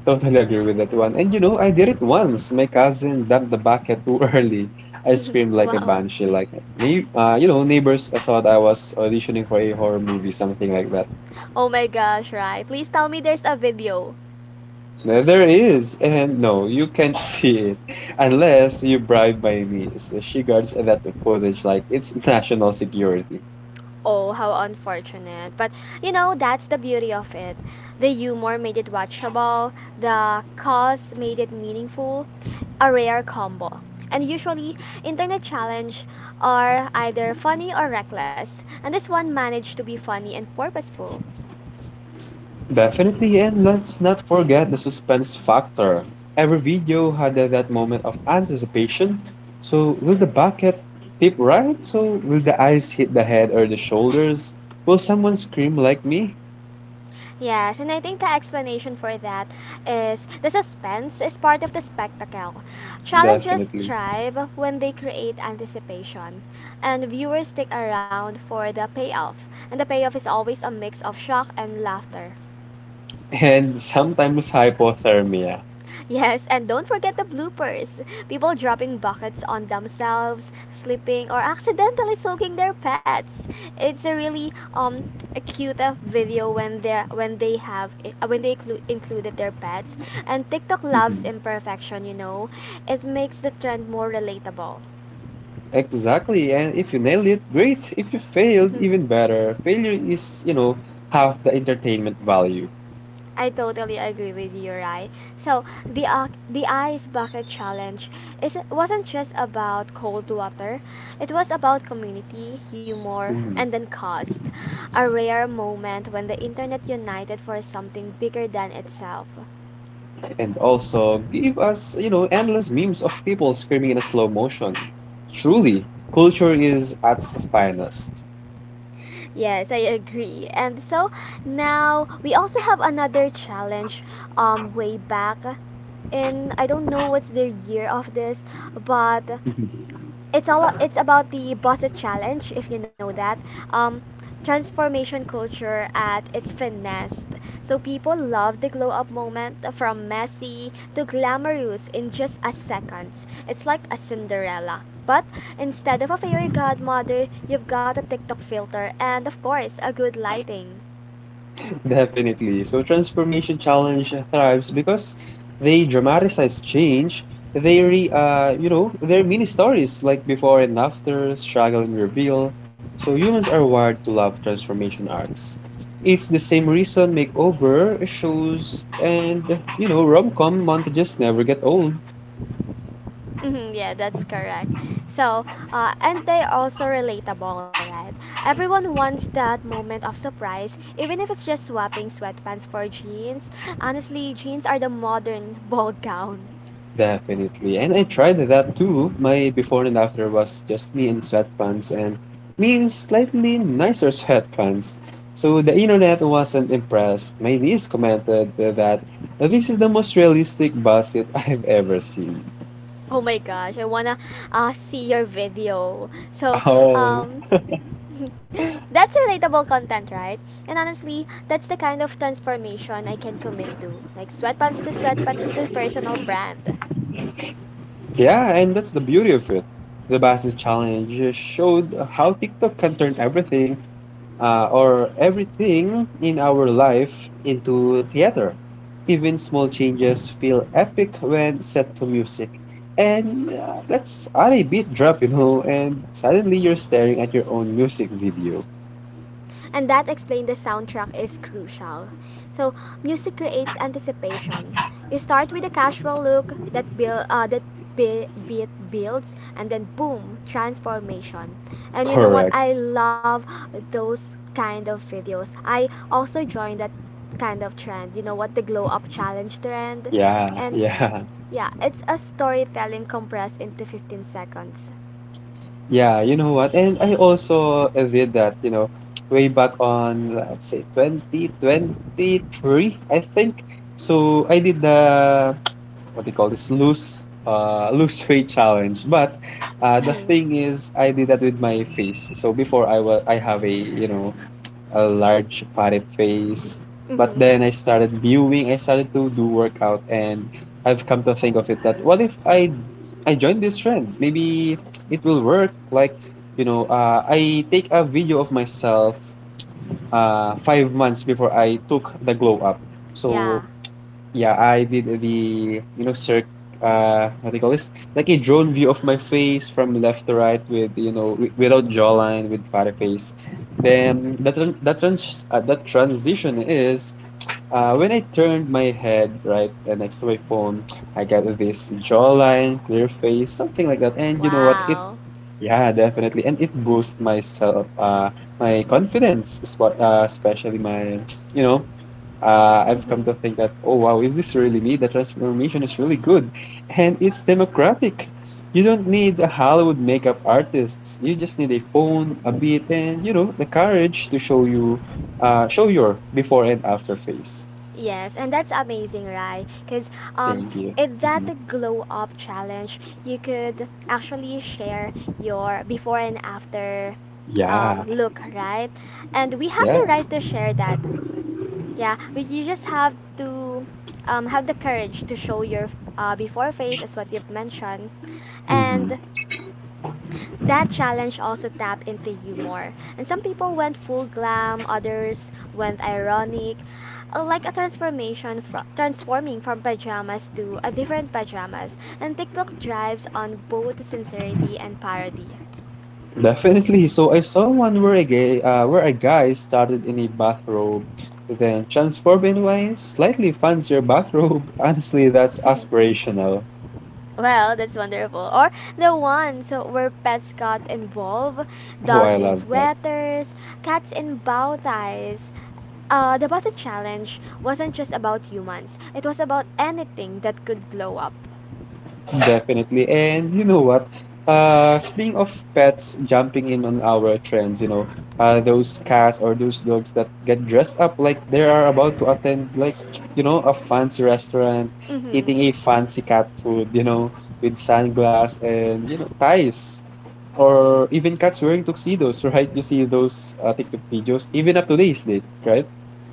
[SPEAKER 2] Totally agree with that one. And you know, I did it once. My cousin dumped the bucket too early. I screamed like a
[SPEAKER 1] wow.
[SPEAKER 2] banshee, like neigh- uh, you know, neighbors thought I was auditioning for a horror movie, something like that.
[SPEAKER 1] Oh my gosh, right. Please tell me there's a video.
[SPEAKER 2] There there is, and no, you can't see it unless you bribe my niece. She guards that footage like it's national security.
[SPEAKER 1] Oh, how unfortunate. But you know, that's the beauty of it. The humor made it watchable, the cause made it meaningful, a rare combo. And usually, internet challenge are either funny or reckless, and this one managed to be funny and purposeful.
[SPEAKER 2] Definitely, and let's not forget the suspense factor. Every video had that moment of anticipation. So, will the bucket tip right? So, will the eyes hit the head or the shoulders? Will someone scream like me?
[SPEAKER 1] Yes, and I think the explanation for that is the suspense is part of the spectacle. Challenges
[SPEAKER 2] Definitely.
[SPEAKER 1] thrive when they create anticipation, and viewers stick around for the payoff. And the payoff is always a mix of shock and laughter.
[SPEAKER 2] And sometimes hypothermia.
[SPEAKER 1] Yes, and don't forget the bloopers. People dropping buckets on themselves, slipping, or accidentally soaking their pets. It's a really um a cute uh, video when they when they have it, uh, when they inclu- included their pets. And TikTok loves
[SPEAKER 2] Mhm.
[SPEAKER 1] imperfection, you know. It makes the trend more relatable.
[SPEAKER 2] Exactly. And if you nailed it, great. If you
[SPEAKER 1] Mhm.
[SPEAKER 2] failed, even better. Failure is, you know, half the entertainment value.
[SPEAKER 1] I totally agree with you, right? So the uh, the ice bucket challenge is wasn't just about cold water; it was about community, humor,
[SPEAKER 2] Mhm.
[SPEAKER 1] and then cost. A rare moment when the internet united for something bigger than itself.
[SPEAKER 2] And also give us, you know, endless memes of people screaming in a slow motion. Truly, culture is at its finest.
[SPEAKER 1] Yes, I agree. And so now we also have another challenge. Um, way back in I don't know what's the year of this, but it's all it's about the Bosset Challenge, if you know that. Um, transformation culture at its finest. So people love the glow up moment from messy to glamorous in just a second. It's like a Cinderella. But instead of a fairy godmother, you've got a TikTok filter and of course a good lighting.
[SPEAKER 2] Definitely. So transformation challenge thrives because they dramatize change. They re, uh, you know, they're mini stories like before and after, struggle and reveal. So humans are wired to love transformation arcs. It's the same reason makeover shows and you know rom-com montages never get old.
[SPEAKER 1] Mhm, yeah, that's correct. So, uh, and they also relatable, right? Everyone wants that moment of surprise, even if it's just swapping sweatpants for jeans. Honestly, jeans are the modern ball gown.
[SPEAKER 2] Definitely. And I tried that too. My before and after was just me in sweatpants and me in slightly nicer sweatpants. So the internet wasn't impressed. My niece commented that this is the most realistic basket I've ever seen.
[SPEAKER 1] Oh my gosh, I wanna uh, see your video. So,
[SPEAKER 2] Oh.
[SPEAKER 1] um, that's relatable content, right? And honestly, that's the kind of transformation I can commit to. Like, sweatpants to sweatpants is my personal brand.
[SPEAKER 2] Yeah, and that's the beauty of it. The basket challenge showed how TikTok can turn everything uh, or everything in our life into theater. Even small changes feel epic when set to music. And uh, let's add a beat drop, you know, and suddenly you're staring at your own music video.
[SPEAKER 1] And that explained the soundtrack is crucial. So, music creates anticipation. You start with a casual look that build uh, that bi- beat builds and then boom, transformation. And you know what?
[SPEAKER 2] Correct.
[SPEAKER 1] I love those kind of videos. I also joined that kind of trend. You know what? The glow up challenge trend.
[SPEAKER 2] Yeah,
[SPEAKER 1] And
[SPEAKER 2] yeah,
[SPEAKER 1] yeah, it's a storytelling compressed into fifteen seconds.
[SPEAKER 2] yeah. You know what? And I also uh, did that, you know, way back on, let's say, twenty twenty-three, I think. So I did the what do you call this lose uh lose weight challenge. But uh the
[SPEAKER 1] Mhm.
[SPEAKER 2] thing is I did that with my face. So before, i was I have, a you know, a large fatty face, but
[SPEAKER 1] Mhm.
[SPEAKER 2] then i started viewing I started to do workout. And I've come to think of it, that what if i i join this trend, maybe it will work. Like, you know, uh I take a video of myself uh five months before I took the glow up. So
[SPEAKER 1] Yeah.
[SPEAKER 2] yeah, I did the, you know, circ, uh, what do you call this? Like a drone view of my face from left to right with, you know, wi- without jawline, with fatty face. Then that tran that trans uh, that transition is uh, when I turned my head right uh, next to my phone, I got this jawline, clear face, something like that. And you know what? It
[SPEAKER 1] Wow.
[SPEAKER 2] yeah, definitely, and it boosts myself, uh, my confidence, spo- uh, especially my, you know, uh, I've
[SPEAKER 1] Mhm.
[SPEAKER 2] come to think that, oh wow, is this really me? The transformation is really good, and it's democratic. You don't need a Hollywood makeup artists. You just need a phone, a beat, and you know the courage to show you, uh, show your before and after face.
[SPEAKER 1] Yes, and that's amazing, right? Because um,
[SPEAKER 2] Thank you.
[SPEAKER 1] in
[SPEAKER 2] Mhm.
[SPEAKER 1] that glow up challenge, you could actually share your before and after
[SPEAKER 2] Yeah,
[SPEAKER 1] um, look, right? And we have
[SPEAKER 2] yeah.
[SPEAKER 1] the right to share that. Yeah, but you just have to um, have the courage to show your uh, before face, as what you've mentioned,
[SPEAKER 2] Hmm.
[SPEAKER 1] and that challenge also tapped into humor, and some people went full glam, others went ironic, uh, like a transformation fro- transforming from pajamas to a different pajamas. And TikTok drives on both sincerity and parody.
[SPEAKER 2] Definitely. So I saw one where a gay, uh, where a guy started in a bathrobe, then transformed into a slightly fancier bathrobe. Honestly, that's aspirational.
[SPEAKER 1] Well, that's wonderful. Or the ones where pets got involved,
[SPEAKER 2] Oh, I
[SPEAKER 1] dogs in
[SPEAKER 2] love that.
[SPEAKER 1] sweaters, cats in bow ties. Uh, the Baza challenge wasn't just about humans. It was about anything that could glow up.
[SPEAKER 2] Definitely. And you know what? Uh, speaking of pets jumping in on our trends, you know, uh, those cats or those dogs that get dressed up like they are about to attend, like, you know, a fancy restaurant,
[SPEAKER 1] Mm-hmm.
[SPEAKER 2] eating a fancy cat food, you know, with sunglasses and, you know, ties. Or even cats wearing tuxedos, right? You see those uh, TikTok videos, even up to this date, right?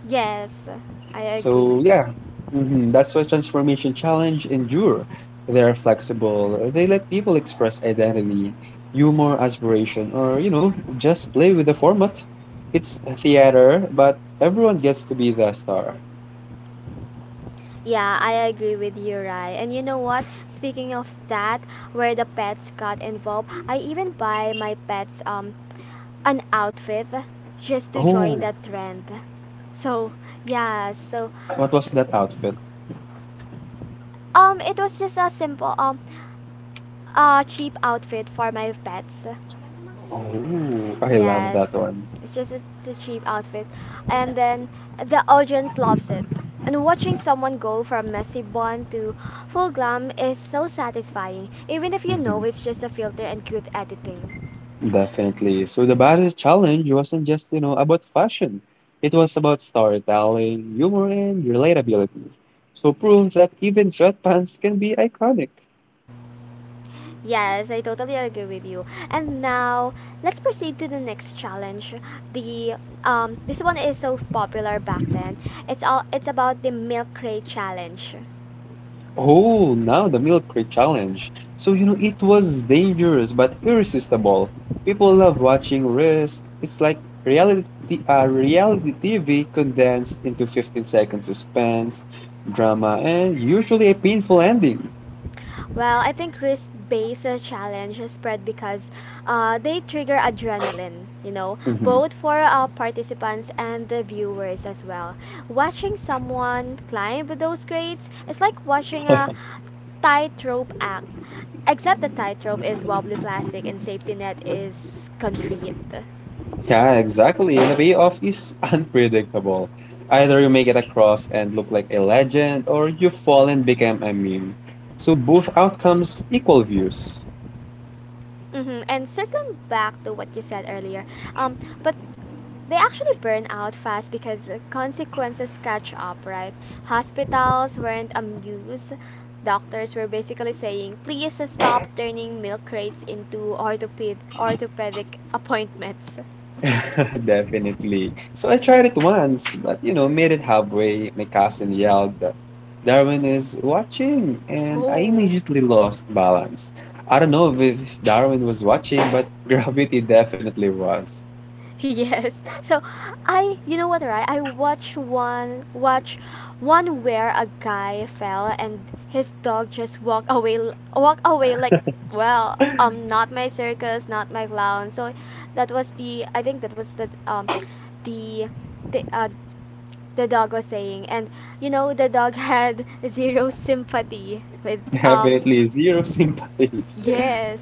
[SPEAKER 1] Yes, I
[SPEAKER 2] So
[SPEAKER 1] agree.
[SPEAKER 2] yeah, hmm, that's why transformation challenge endure. They are flexible. They let people express identity, humor, aspiration, or you know, just play with the format. It's a theater, but everyone gets to be the star.
[SPEAKER 1] Yeah, I agree with you, Rai. And you know what? Speaking of that, where the pets got involved, I even buy my pets um an outfit just to join
[SPEAKER 2] Oh,
[SPEAKER 1] that trend. So yeah, so
[SPEAKER 2] what was that outfit?
[SPEAKER 1] um it was just a simple um uh cheap outfit for my pets.
[SPEAKER 2] Oh, I love that
[SPEAKER 1] Yes,
[SPEAKER 2] one.
[SPEAKER 1] it's just a, it's a cheap outfit, and then the audience loves it. And watching someone go from messy bun to full glam is so satisfying, even if you
[SPEAKER 2] Mm-hmm.
[SPEAKER 1] know it's just a filter and cute editing.
[SPEAKER 2] Definitely. So the baddest challenge wasn't just, you know, about fashion. It was about storytelling, humor, and relatability. So prove that even sweatpants can be iconic.
[SPEAKER 1] Yes, I totally agree with you. And now let's proceed to the next challenge. The um, this one is so popular back then. It's all it's about the milk crate challenge.
[SPEAKER 2] Oh, now the milk crate challenge. So, you know, it was dangerous but irresistible. People love watching Risk. It's like reality, uh, reality T V condensed into fifteen seconds suspense, drama, and usually a painful ending.
[SPEAKER 1] Well, I think risk-based uh, challenge is spread because uh, they trigger adrenaline, you know,
[SPEAKER 2] Mm-hmm.
[SPEAKER 1] both for uh, participants and the viewers as well. Watching someone climb those grades is like watching a tightrope act, except the tightrope is wobbly plastic and safety net is concrete.
[SPEAKER 2] Yeah, exactly. And the payoff is unpredictable. Either you make it across and look like a legend, or you fall and become a meme. So both outcomes equal views.
[SPEAKER 1] Mm-hmm. And circling back to what you said earlier, um, but they actually burn out fast because uh, consequences catch up, right? Hospitals weren't amused. Doctors were basically saying, please uh, stop turning milk crates into orthoped- orthopedic appointments.
[SPEAKER 2] Definitely. So I tried it once, but you know, made it halfway. My cousin yelled that Darwin is watching, and I
[SPEAKER 1] Oh.
[SPEAKER 2] immediately lost balance. I don't know if Darwin was watching, but gravity definitely was.
[SPEAKER 1] Yes. So I you know what, right? I watch one watch one where a guy fell and his dog just walk away walk away like well, um not my circus, not my clown. So that was the I think that was the um the the uh the dog was saying and you know the dog had zero sympathy with um
[SPEAKER 2] Definitely zero sympathy.
[SPEAKER 1] yes.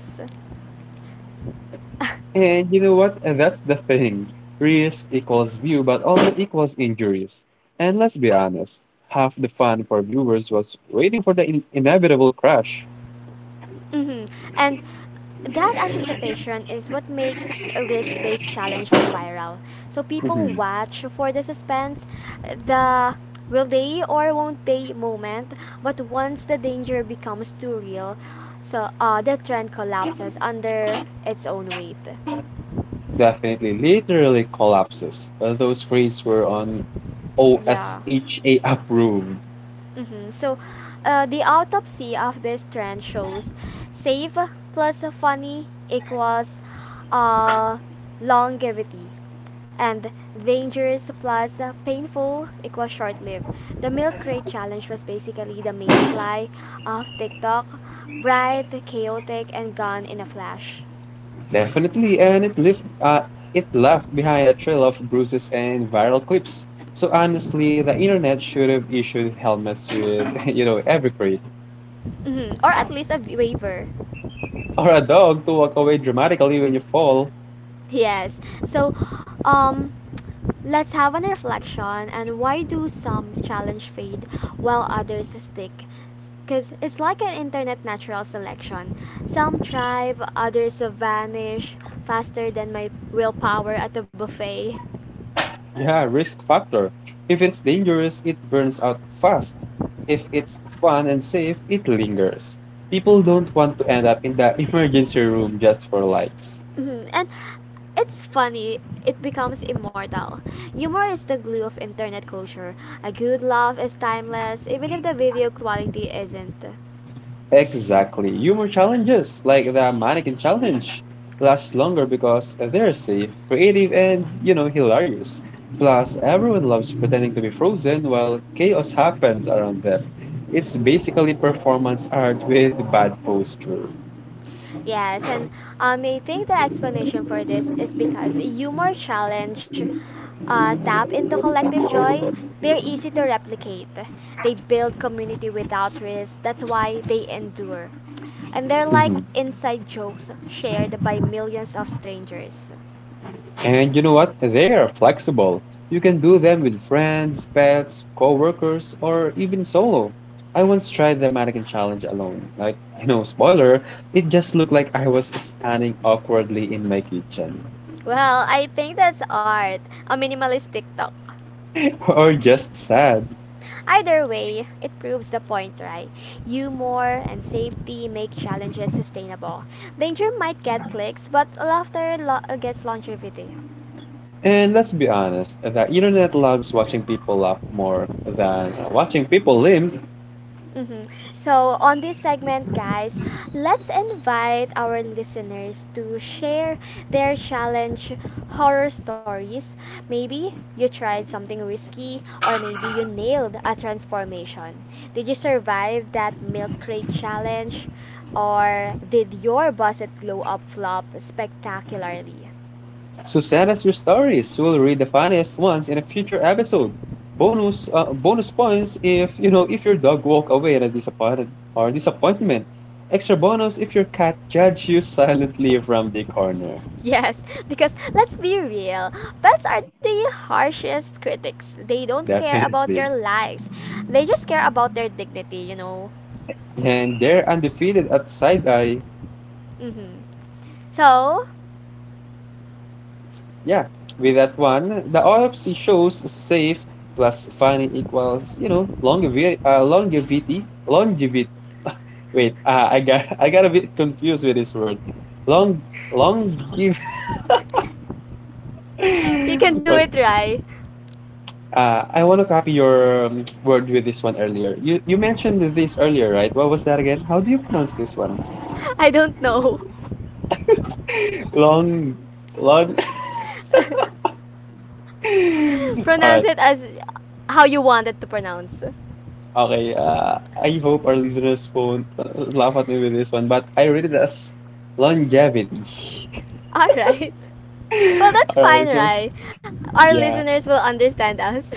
[SPEAKER 2] And you know what? And that's the thing. Risk equals view, but also equals injuries. And let's be honest, half the fun for viewers was waiting for the in- inevitable crash.
[SPEAKER 1] Mm-hmm. And that anticipation is what makes a risk based challenge viral. So people
[SPEAKER 2] Mhm.
[SPEAKER 1] watch for the suspense, the will they or won't they moment, but once the danger becomes too real, so uh, the trend collapses under its own weight.
[SPEAKER 2] Definitely, literally collapses. Uh, those crates were on
[SPEAKER 1] Yeah.
[SPEAKER 2] OSHA approved.
[SPEAKER 1] Mm-hmm. So, uh, the autopsy of this trend shows safe plus funny equals uh, longevity, and dangerous plus painful equals short lived. The milk crate challenge was basically the mayfly of TikTok, bright, chaotic, and gone in a flash.
[SPEAKER 2] Definitely, and it left uh, it left behind a trail of bruises and viral clips. So honestly, the internet should have issued helmets with you know every crate.
[SPEAKER 1] Mm-hmm. Or at least a waiver.
[SPEAKER 2] Or a dog to walk away dramatically when you fall.
[SPEAKER 1] Yes. So, um, let's have an reflection and why do some challenge fade while others stick? Because it's like an internet natural selection. Some thrive, others vanish faster than my willpower at a buffet.
[SPEAKER 2] Yeah, risk factor. If it's dangerous, it burns out fast. If it's fun and safe, it lingers. People don't want to end up in the emergency room just for likes.
[SPEAKER 1] And it's funny, it becomes immortal. Humor is the glue of internet culture. A good laugh is timeless, even if the video quality isn't.
[SPEAKER 2] Exactly. Humor challenges, like the mannequin challenge, last longer because they're safe, creative, and, you know, hilarious. Plus, everyone loves pretending to be frozen while chaos happens around them. It's basically performance art with bad posture.
[SPEAKER 1] Yes, and um, I think the explanation for this is because humor challenge uh, tap into collective joy. They're easy to replicate. They build community without risk. That's why they endure. And they're like inside jokes shared by millions of strangers.
[SPEAKER 2] And you know what? They are flexible. You can do them with friends, pets, coworkers, or even solo. I once tried the mannequin challenge alone. Like, you know, spoiler, it just looked like I was standing awkwardly in my kitchen.
[SPEAKER 1] Well, I think that's art. A minimalist TikTok.
[SPEAKER 2] Or just sad.
[SPEAKER 1] Either way, it proves the point, right? Humor and safety make challenges sustainable. Danger might get clicks, but laughter lo- gets longevity.
[SPEAKER 2] And let's be honest, the internet loves watching people laugh more than watching people limp.
[SPEAKER 1] Mm-hmm. So, on this segment, guys, let's invite our listeners to share their challenge horror stories. Maybe you tried something risky, or maybe you nailed a transformation. Did you survive that milk crate challenge? Or did your busted glow up flop spectacularly?
[SPEAKER 2] So send us your stories. We'll read the funniest ones in a future episode. Bonus uh, bonus points if you know if your dog walk away in a disappointed or disappointment. Extra bonus if your cat judge you silently from the corner.
[SPEAKER 1] Yes, because let's be real, pets are the harshest critics. They don't care about your
[SPEAKER 2] Definitely.
[SPEAKER 1] likes, they just care about their dignity, you know.
[SPEAKER 2] And they're undefeated at side eye.
[SPEAKER 1] Hmm. So,
[SPEAKER 2] Yeah, with that one, the autopsy shows safe plus funny equals you know longevity, uh, longevity, longevity. Wait, uh, I got I got a bit confused with this word. Long long give.
[SPEAKER 1] you can do
[SPEAKER 2] Well,
[SPEAKER 1] it right.
[SPEAKER 2] uh, I want to copy your um, word with this one earlier. You you mentioned this earlier, right? What was that again? How do you pronounce this one?
[SPEAKER 1] I don't know.
[SPEAKER 2] Long long. All
[SPEAKER 1] Pronounce
[SPEAKER 2] right.
[SPEAKER 1] it as how you want it to pronounce.
[SPEAKER 2] Okay. Uh, I hope our listeners won't uh, laugh at me with this one, but I read it as longevity.
[SPEAKER 1] Alright. Well, that's
[SPEAKER 2] All
[SPEAKER 1] fine,
[SPEAKER 2] right. So
[SPEAKER 1] right? Our
[SPEAKER 2] yeah.
[SPEAKER 1] listeners will understand us.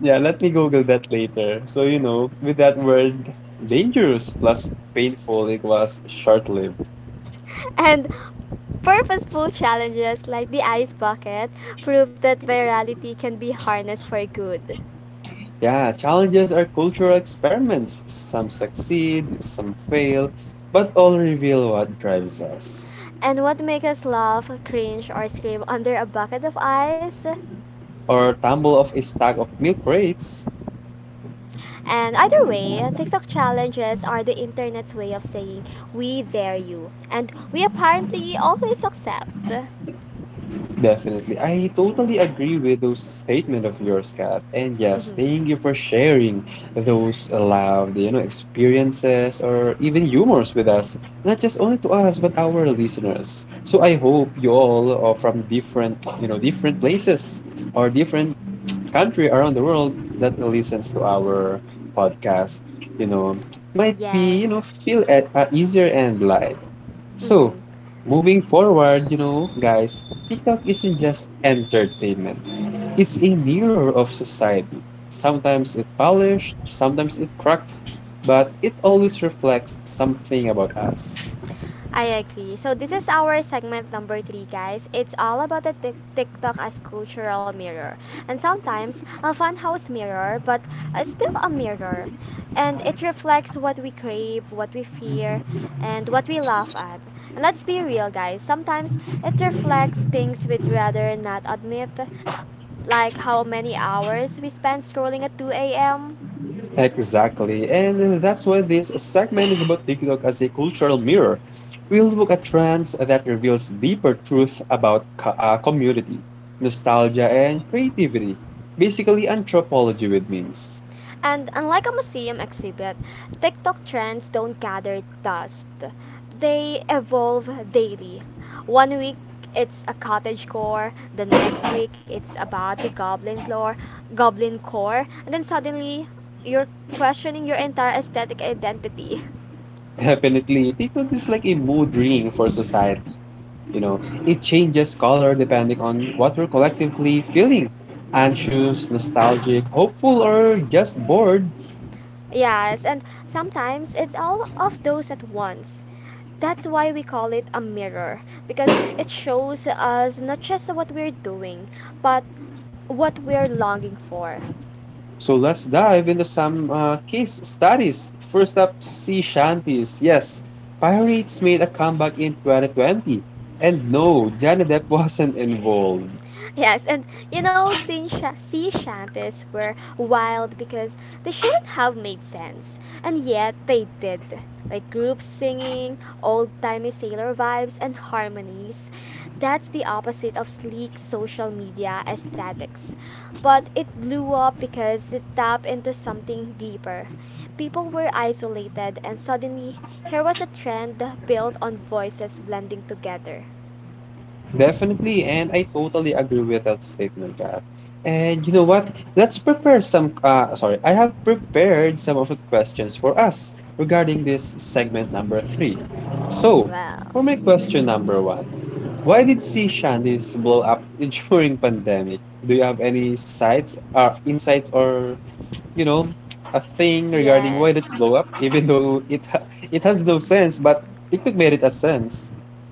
[SPEAKER 2] Yeah, let me Google that later. So, you know, with that word dangerous plus painful, it was short lived.
[SPEAKER 1] And purposeful challenges like the ice bucket prove that virality can be harnessed for good.
[SPEAKER 2] Yeah, challenges are cultural experiments. Some succeed, some fail, but all reveal what drives us.
[SPEAKER 1] And what makes us laugh, cringe, or scream under a bucket of ice?
[SPEAKER 2] Or tumble off a stack of milk crates.
[SPEAKER 1] And either way, TikTok challenges are the internet's way of saying we dare you, and we apparently always accept.
[SPEAKER 2] Definitely. I totally agree with those statement of yours, Kat. And yes,
[SPEAKER 1] Mm-hmm.
[SPEAKER 2] thank you for sharing those loud, you know, experiences or even humors with us. Not just only to us, but our listeners. So I hope you all are from different, you know, different places or different country around the world that listens to our podcast, you know, might be, you know,
[SPEAKER 1] Yes.
[SPEAKER 2] feel at, uh, easier and light. So,
[SPEAKER 1] Mm-hmm.
[SPEAKER 2] moving forward, you know, guys, TikTok isn't just entertainment. It's a mirror of society. Sometimes it polished, sometimes it cracked, but it always reflects something about us.
[SPEAKER 1] I agree. So this is our segment number three, guys. It's all about the Tik- TikTok as cultural mirror, and sometimes a funhouse mirror, but uh, still a mirror, and it reflects what we crave, what we fear, and what we laugh at. And let's be real, guys. Sometimes it reflects things we'd rather not admit, like how many hours we spend scrolling at two a m.
[SPEAKER 2] Exactly, and that's why this segment is about TikTok as a cultural mirror. We'll look at trends that reveals deeper truth about co- uh, community, nostalgia, and creativity. Basically, anthropology with memes.
[SPEAKER 1] And unlike a museum exhibit, TikTok trends don't gather dust. They evolve daily. One week it's a cottage core, the next week it's about the goblin lore, goblin core, and then suddenly you're questioning your entire aesthetic identity.
[SPEAKER 2] Definitely, TikTok is like a mood ring for society. You know, it changes color depending on what we're collectively feeling anxious, nostalgic, hopeful, or just bored.
[SPEAKER 1] Yes, and sometimes it's all of those at once. That's why we call it a mirror, because it shows us not just what we're doing, but what we're longing for.
[SPEAKER 2] So let's dive into some uh, case studies. First up, sea shanties. Yes, pirates made a comeback in twenty twenty. And no, Johnny Depp wasn't involved.
[SPEAKER 1] Yes, and you know, sea, sha- sea shanties were wild because they shouldn't have made sense, and yet they did. Like group singing, old timey sailor vibes, and harmonies. That's the opposite of sleek social media aesthetics. But it blew up because it tapped into something deeper. People were isolated, and suddenly here was a trend built on voices blending together.
[SPEAKER 2] Definitely, and I totally agree with that statement, Kat. And you know what? Let's prepare some. Uh, sorry, I have prepared some of the questions for us regarding this segment number three. So,
[SPEAKER 1] Well,
[SPEAKER 2] for my
[SPEAKER 1] mm-hmm.
[SPEAKER 2] question number one, why did sea shanties blow up during pandemic? Do you have
[SPEAKER 1] Hmm.
[SPEAKER 2] any sights, uh, insights, or you know, a thing regarding why did it
[SPEAKER 1] Yes.
[SPEAKER 2] blow up? Even though it ha- it has no sense, but it could merit a sense.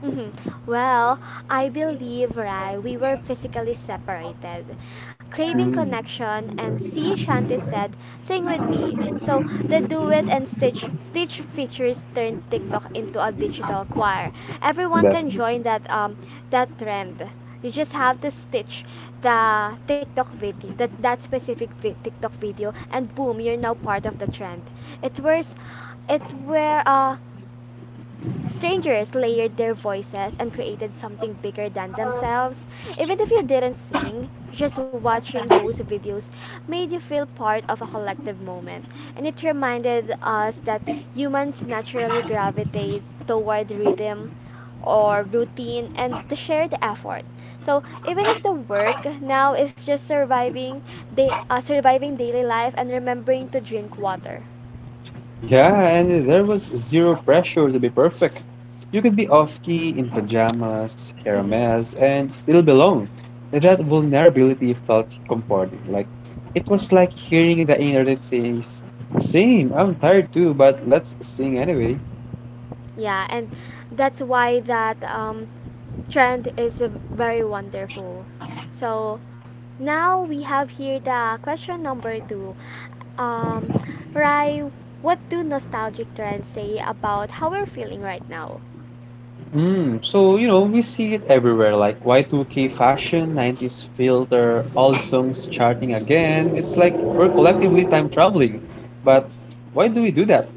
[SPEAKER 1] hmm Well, I believe, right, we were physically separated. Craving
[SPEAKER 2] Mm,
[SPEAKER 1] connection and see Shanti said, sing with me. So the duet and Stitch Stitch features turned TikTok into a digital choir. Everyone can join
[SPEAKER 2] definitely.
[SPEAKER 1] that um that trend. You just have to stitch the TikTok video, that, that specific vi- TikTok video, and boom, you're now part of the trend. It was, it were, uh, Strangers layered their voices and created something bigger than themselves. Even if you didn't sing, just watching those videos made you feel part of a collective moment. And it reminded us that humans naturally gravitate toward rhythm or routine and the shared effort. So even if the work now is just surviving, they uh, surviving daily life and remembering to drink water.
[SPEAKER 2] Yeah, and there was zero pressure to be perfect. You could be off key in pajamas, hair a mess, and still belong. That vulnerability felt comforting. Like it was like hearing the inner that says, "Same, I'm tired too, but let's sing anyway."
[SPEAKER 1] yeah, and that's why that um, trend is uh, very wonderful. So now we have here the question number two. um, Rai, what do nostalgic trends say about how we're feeling right now?
[SPEAKER 2] Mm, so you know we see it everywhere, like Y two K fashion, nineties filter, all songs charting again. It's like we're collectively time traveling. But why do we do that?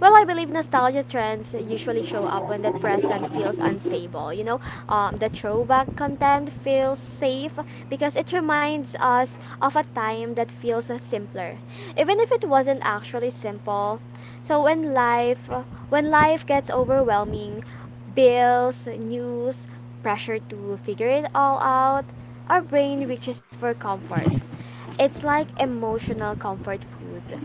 [SPEAKER 1] Well, I believe nostalgia trends usually show up when the present feels unstable. You know, um, the throwback content feels safe because it reminds us of a time that feels uh, simpler, even if it wasn't actually simple. So when life, when life gets overwhelming, bills, news, pressure to figure it all out, our brain reaches for comfort. It's like emotional comfort food.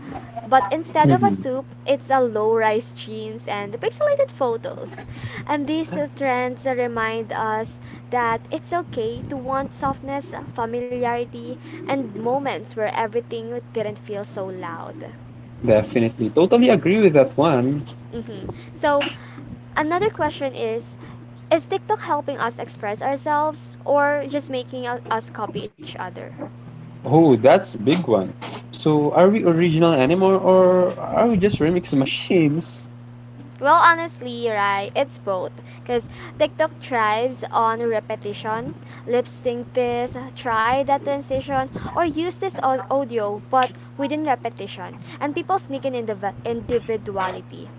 [SPEAKER 1] But instead of a soup, it's a low rise jeans and pixelated photos. And these uh, trends remind us that it's okay to want softness, familiarity, and moments where everything didn't feel so loud.
[SPEAKER 2] Definitely. Totally agree with that one.
[SPEAKER 1] Hmm. So, another question is Is TikTok helping us express ourselves or just making u- us copy each other?
[SPEAKER 2] Oh, that's a big one. So are we original anymore or are we just remix machines?
[SPEAKER 1] Well, honestly, right, it's both. Because TikTok thrives on repetition, lip sync this, try that transition, or use this au- audio, but within repetition. And people sneak in indiv- individuality.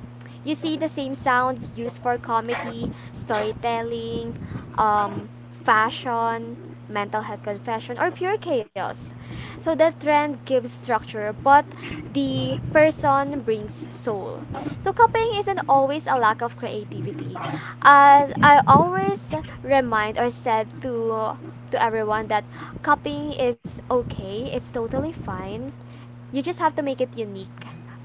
[SPEAKER 1] You see the same sound used for comedy, storytelling, um, fashion, mental health confession, or pure chaos. So the trend gives structure, but the person brings soul. So copying isn't always a lack of creativity. As I always remind or said to to everyone that copying is okay, it's totally fine. You just have to make it unique,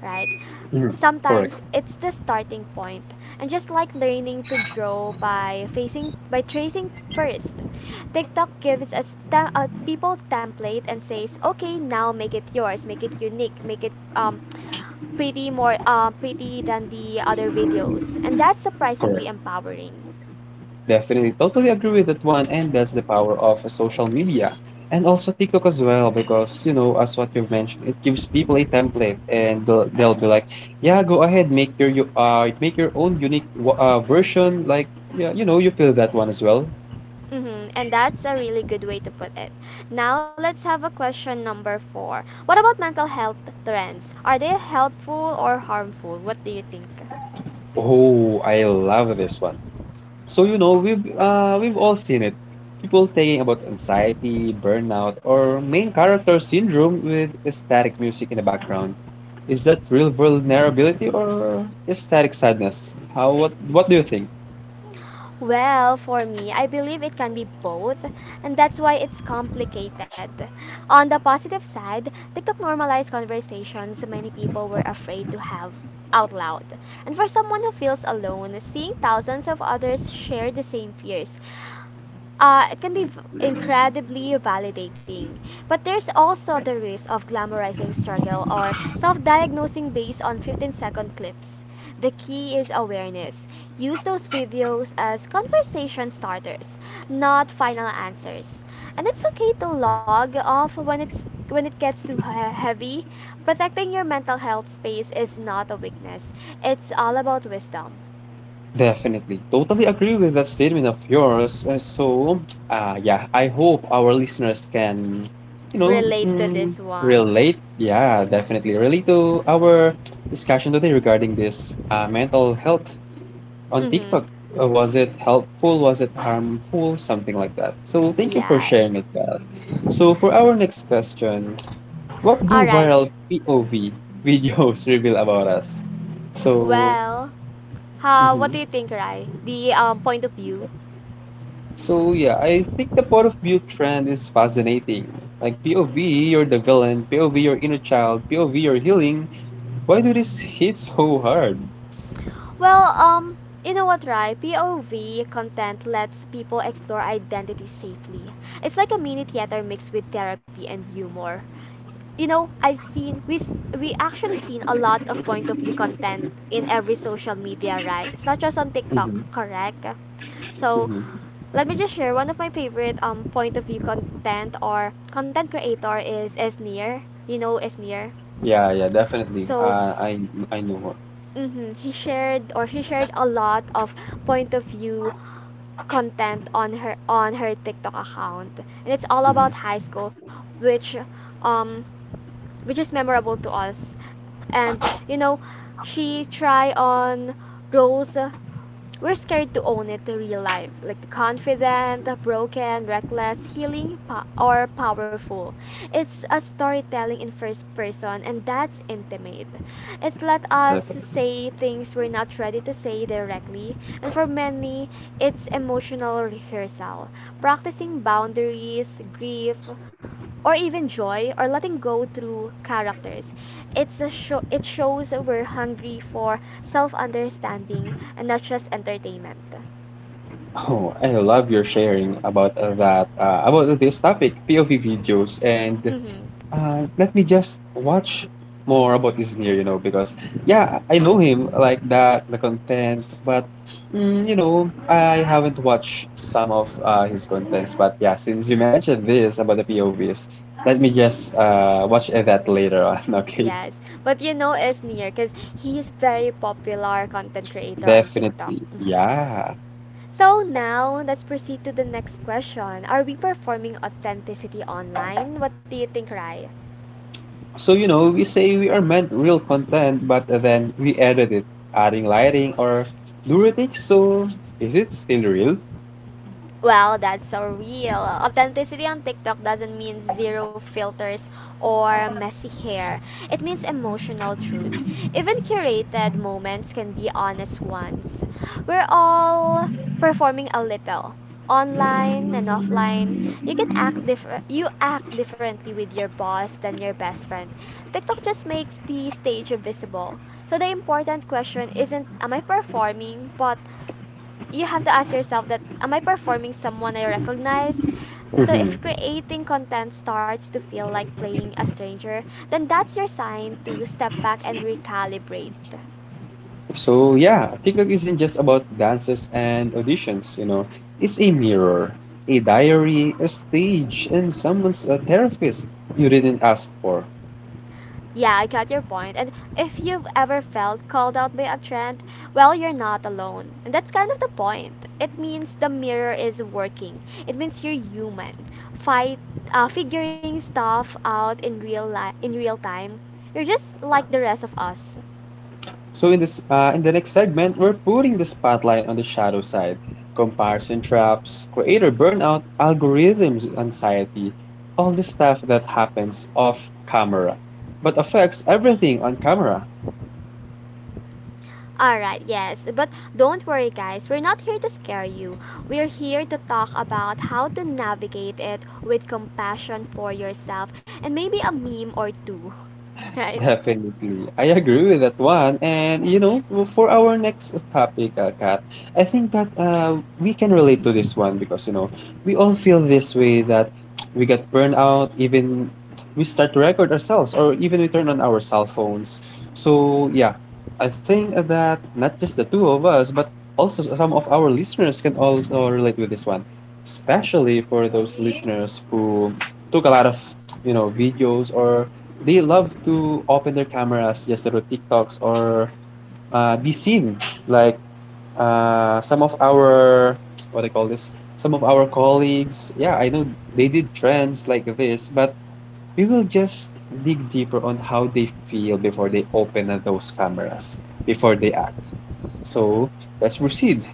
[SPEAKER 1] right?
[SPEAKER 2] Mhm. Correct.
[SPEAKER 1] Sometimes it's the starting point. And just like learning to draw by facing by tracing first, TikTok gives us te- uh, people template and says, "Okay, now make it yours, make it unique, make it um pretty, more uh, pretty than the other videos." And that's surprisingly
[SPEAKER 2] Correct.
[SPEAKER 1] empowering.
[SPEAKER 2] Definitely. Totally agree with that one. And that's the power of social media. And also TikTok as well, because you know, as what you've mentioned, it gives people a template and they'll, they'll be like, yeah, go ahead, make your you uh make your own unique wa- uh, version. Like yeah, you know, you feel that one as well.
[SPEAKER 1] Mm-hmm. And that's a really good way to put it. Now let's have a question number four. What about mental health trends? Are they helpful or harmful? What do you think?
[SPEAKER 2] Oh, I love this one. So you know we've uh, we've all seen it. People thinking about anxiety, burnout, or main character syndrome with static music in the background. Is that real vulnerability or static sadness? How what what do you think?
[SPEAKER 1] Well, for me, I believe it can be both, and that's why it's complicated. On the positive side, TikTok normalized conversations many people were afraid to have out loud. And for someone who feels alone, seeing thousands of others share the same fears uh, it can be v- incredibly validating. But there's also the risk of glamorizing struggle or self diagnosing based on fifteen second clips. The key is awareness. Use those videos as conversation starters, not final answers. And it's okay to log off when it's when it gets too he- heavy. Protecting your mental health space is not a weakness. It's all about wisdom.
[SPEAKER 2] Definitely. Totally agree with that statement of yours. Uh, so, uh, yeah, I hope our listeners can, you know,
[SPEAKER 1] Relate to this
[SPEAKER 2] mm,
[SPEAKER 1] one.
[SPEAKER 2] relate. Yeah, definitely relate to our discussion today regarding this uh, mental health on
[SPEAKER 1] Mhm.
[SPEAKER 2] TikTok. Uh, Was it helpful? Was it harmful? Something like that. So thank you for
[SPEAKER 1] Yes.
[SPEAKER 2] sharing it, Kat. So for our next question, what
[SPEAKER 1] All
[SPEAKER 2] do
[SPEAKER 1] right.
[SPEAKER 2] viral P O V videos reveal about us? So,
[SPEAKER 1] Well, how, what
[SPEAKER 2] mhm.
[SPEAKER 1] do you think, Rai? The um, point of view?
[SPEAKER 2] So yeah, I think the point of view trend is fascinating. Like P O V, you're the villain. P O V, your inner child. P O V, you're healing. Why do this hit so hard?
[SPEAKER 1] Well, um, you know what, Rai? P O V content lets people explore identity safely. It's like a mini theater mixed with therapy and humor. You know, I've seen we've we actually seen a lot of point of view content in every social media, right? It's not just on TikTok,
[SPEAKER 2] Hmm.
[SPEAKER 1] correct? So
[SPEAKER 2] Hmm.
[SPEAKER 1] let me just share one of my favorite um point of view content or content creator is Esnir. You know Esnir.
[SPEAKER 2] Yeah, yeah, definitely.
[SPEAKER 1] So
[SPEAKER 2] Uh, I I know her.
[SPEAKER 1] mhm, he shared or she shared a lot of point of view content on her on her TikTok account. And it's all
[SPEAKER 2] Hmm.
[SPEAKER 1] about high school, which um which is memorable to us. And you know, she try on roles we're scared to own it to real life, like the confident, broken, reckless, healing, po- or powerful. It's a storytelling in first person, and that's intimate. It let us say things we're not ready to say directly, and for many, it's emotional rehearsal, practicing boundaries, grief, or even joy or letting go through characters. It's a show it shows we're hungry for self-understanding and not just entertainment.
[SPEAKER 2] Oh, I love your sharing about uh, that, uh, about this topic, P O V videos. And
[SPEAKER 1] Mhm.
[SPEAKER 2] uh, let me just watch more about this near, you know, because yeah, I know him like that, the content, but mm, you know, I haven't watched some of uh, his contents. But yeah, since you mentioned this about the P O Vs, let me just uh, watch that later on, okay?
[SPEAKER 1] Yes. But you know is near cuz he is very popular content creator on TikTok.
[SPEAKER 2] Definitely.
[SPEAKER 1] Mhm.
[SPEAKER 2] Yeah.
[SPEAKER 1] So now let's proceed to the next question. Are we performing authenticity online? What do you think, Rai?
[SPEAKER 2] So, you know, we say we are meant real content, but then we edit it, adding lighting or do retakes. So, is it still real?
[SPEAKER 1] Well, that's so real. Authenticity on TikTok doesn't mean zero filters or messy hair. It means emotional truth. Even curated moments can be honest ones. We're all performing a little. Online and offline, you can act different. You act differently with your boss than your best friend. TikTok just makes the stage visible. So the important question isn't am I performing, but you have to ask yourself that am I performing someone I recognize? So
[SPEAKER 2] Hmm.
[SPEAKER 1] if creating content starts to feel like playing a stranger, then that's your sign to step back and recalibrate.
[SPEAKER 2] So, yeah, TikTok isn't just about dances and auditions, you know, it's a mirror, a diary, a stage, and someone's a therapist you didn't ask for.
[SPEAKER 1] Yeah, I got your point. And if you've ever felt called out by a trend, well, you're not alone. And that's kind of the point. It means the mirror is working. It means you're human. Fight uh, figuring stuff out in real li- in real time. You're just like the rest of us.
[SPEAKER 2] So in this uh, in the next segment, we're putting the spotlight on the shadow side: comparison traps, creator burnout, algorithms anxiety, all the stuff that happens off camera, but affects everything on camera.
[SPEAKER 1] Alright, yes, but don't worry, guys. We're not here to scare you. We're here to talk about how to navigate it with compassion for yourself and maybe a meme or two, right?
[SPEAKER 2] Definitely. I agree with that one. And you know, for our next topic, uh, Kat, I think that uh, we can relate to this one because you know, we all feel this way that we get burned out, even we start to record ourselves or even we turn on our cell phones. So yeah, I think that not just the two of us, but also some of our listeners can also relate with this one, especially for those listeners who took a lot of you know, videos or they love to open their cameras just to do TikToks or uh, be seen. Like uh, some of our, what I call this? Some of our colleagues, yeah, I know they did trends like this, but we will just dig deeper on how they feel before they open uh, those cameras, before they act. So let's proceed.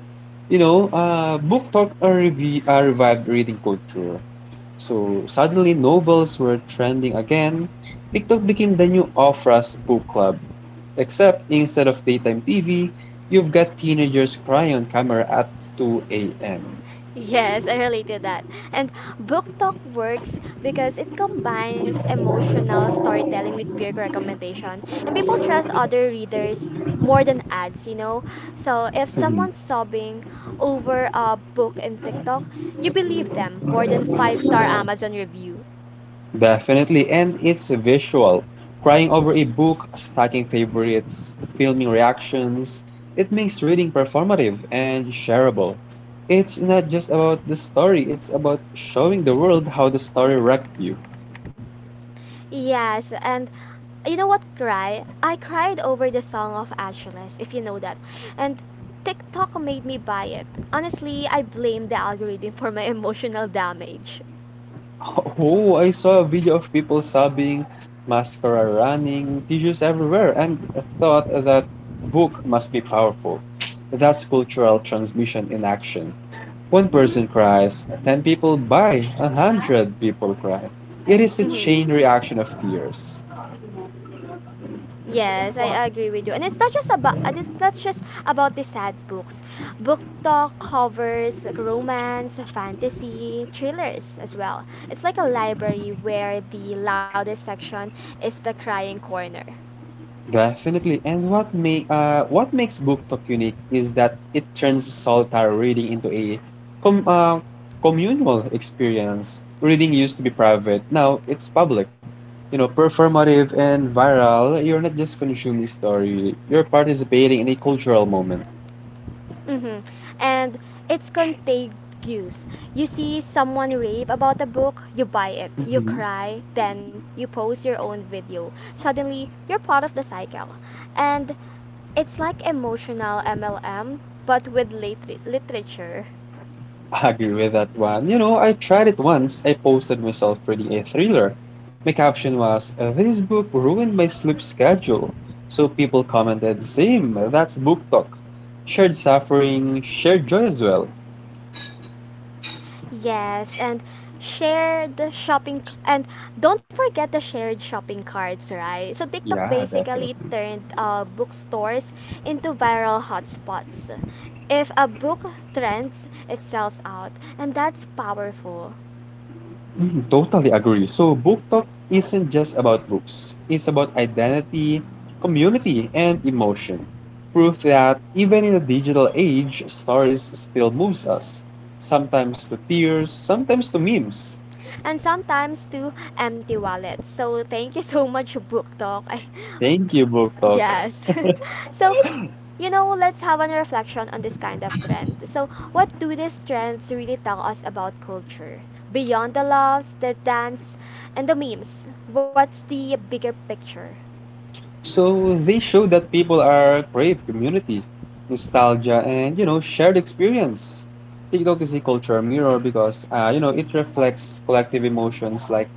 [SPEAKER 2] You know, uh, book talk uh, revi- uh, revived reading culture. So suddenly novels were trending again. TikTok became the new Ofra's book club. Except instead of daytime T V, you've got teenagers crying on camera at two a m.
[SPEAKER 1] Yes, I relate to that. And book talk works because it combines emotional storytelling with peer recommendation. And people trust other readers more than ads, you know? So if someone's sobbing over a book in TikTok, you believe them more than five star Amazon review.
[SPEAKER 2] Definitely, and it's visual. Crying over a book, stacking favorites, filming reactions, it makes reading performative and shareable. It's not just about the story, it's about showing the world how the story wrecked you.
[SPEAKER 1] Yes, and you know what cry? I cried over the song of Achilles, if you know that. And TikTok made me buy it. Honestly, I blame the algorithm for my emotional damage.
[SPEAKER 2] Oh, I saw a video of people sobbing, mascara running, tissues everywhere, and thought that book must be powerful. That's cultural transmission in action. One person cries, ten people buy, a hundred people cry. It is a
[SPEAKER 1] Hmm.
[SPEAKER 2] chain reaction of tears.
[SPEAKER 1] Yes, I agree with you. And it's not just about uh, it's not just about the sad books. Book talk covers like romance, fantasy, thrillers as well. It's like a library where the loudest section is the crying corner.
[SPEAKER 2] Definitely. And what make uh what makes book talk unique is that it turns solitary reading into a com uh, communal experience. Reading used to be private. Now it's public. You know, performative and viral. You're not just consuming story. You're participating in a cultural moment.
[SPEAKER 1] Hmm. And it's contagious. You see someone rave about a book, you buy it, you
[SPEAKER 2] Mhm.
[SPEAKER 1] cry, then you post your own video. Suddenly, you're part of the cycle. And it's like emotional M L M, but with lit- literature.
[SPEAKER 2] I agree with that one. You know, I tried it once. I posted myself reading a thriller. My caption was, "This book ruined my sleep schedule." So people commented, "Same," that's book talk. Shared suffering, shared joy as well.
[SPEAKER 1] Yes, and share the shopping c- and don't forget the shared shopping carts, right? So TikTok
[SPEAKER 2] Yeah,
[SPEAKER 1] basically
[SPEAKER 2] definitely.
[SPEAKER 1] turned uh, bookstores into viral hotspots. If a book trends, it sells out, and that's powerful.
[SPEAKER 2] Mm, totally agree. So, book talk isn't just about books, it's about identity, community, and emotion. Proof that even in a digital age, stories still moves us, sometimes to tears, sometimes to memes.
[SPEAKER 1] And sometimes to empty wallets. So thank you so much, BookTok. I
[SPEAKER 2] Thank you, Book Talk.
[SPEAKER 1] Yes. so, you know, let's have an reflection on this kind of trend. So, what do these trends really tell us about culture? Beyond the loves, the dance, and the memes, what's the bigger picture?
[SPEAKER 2] So, they show that people are crave community, nostalgia, and you know, shared experience. TikTok is a cultural mirror because uh, you know it reflects collective emotions like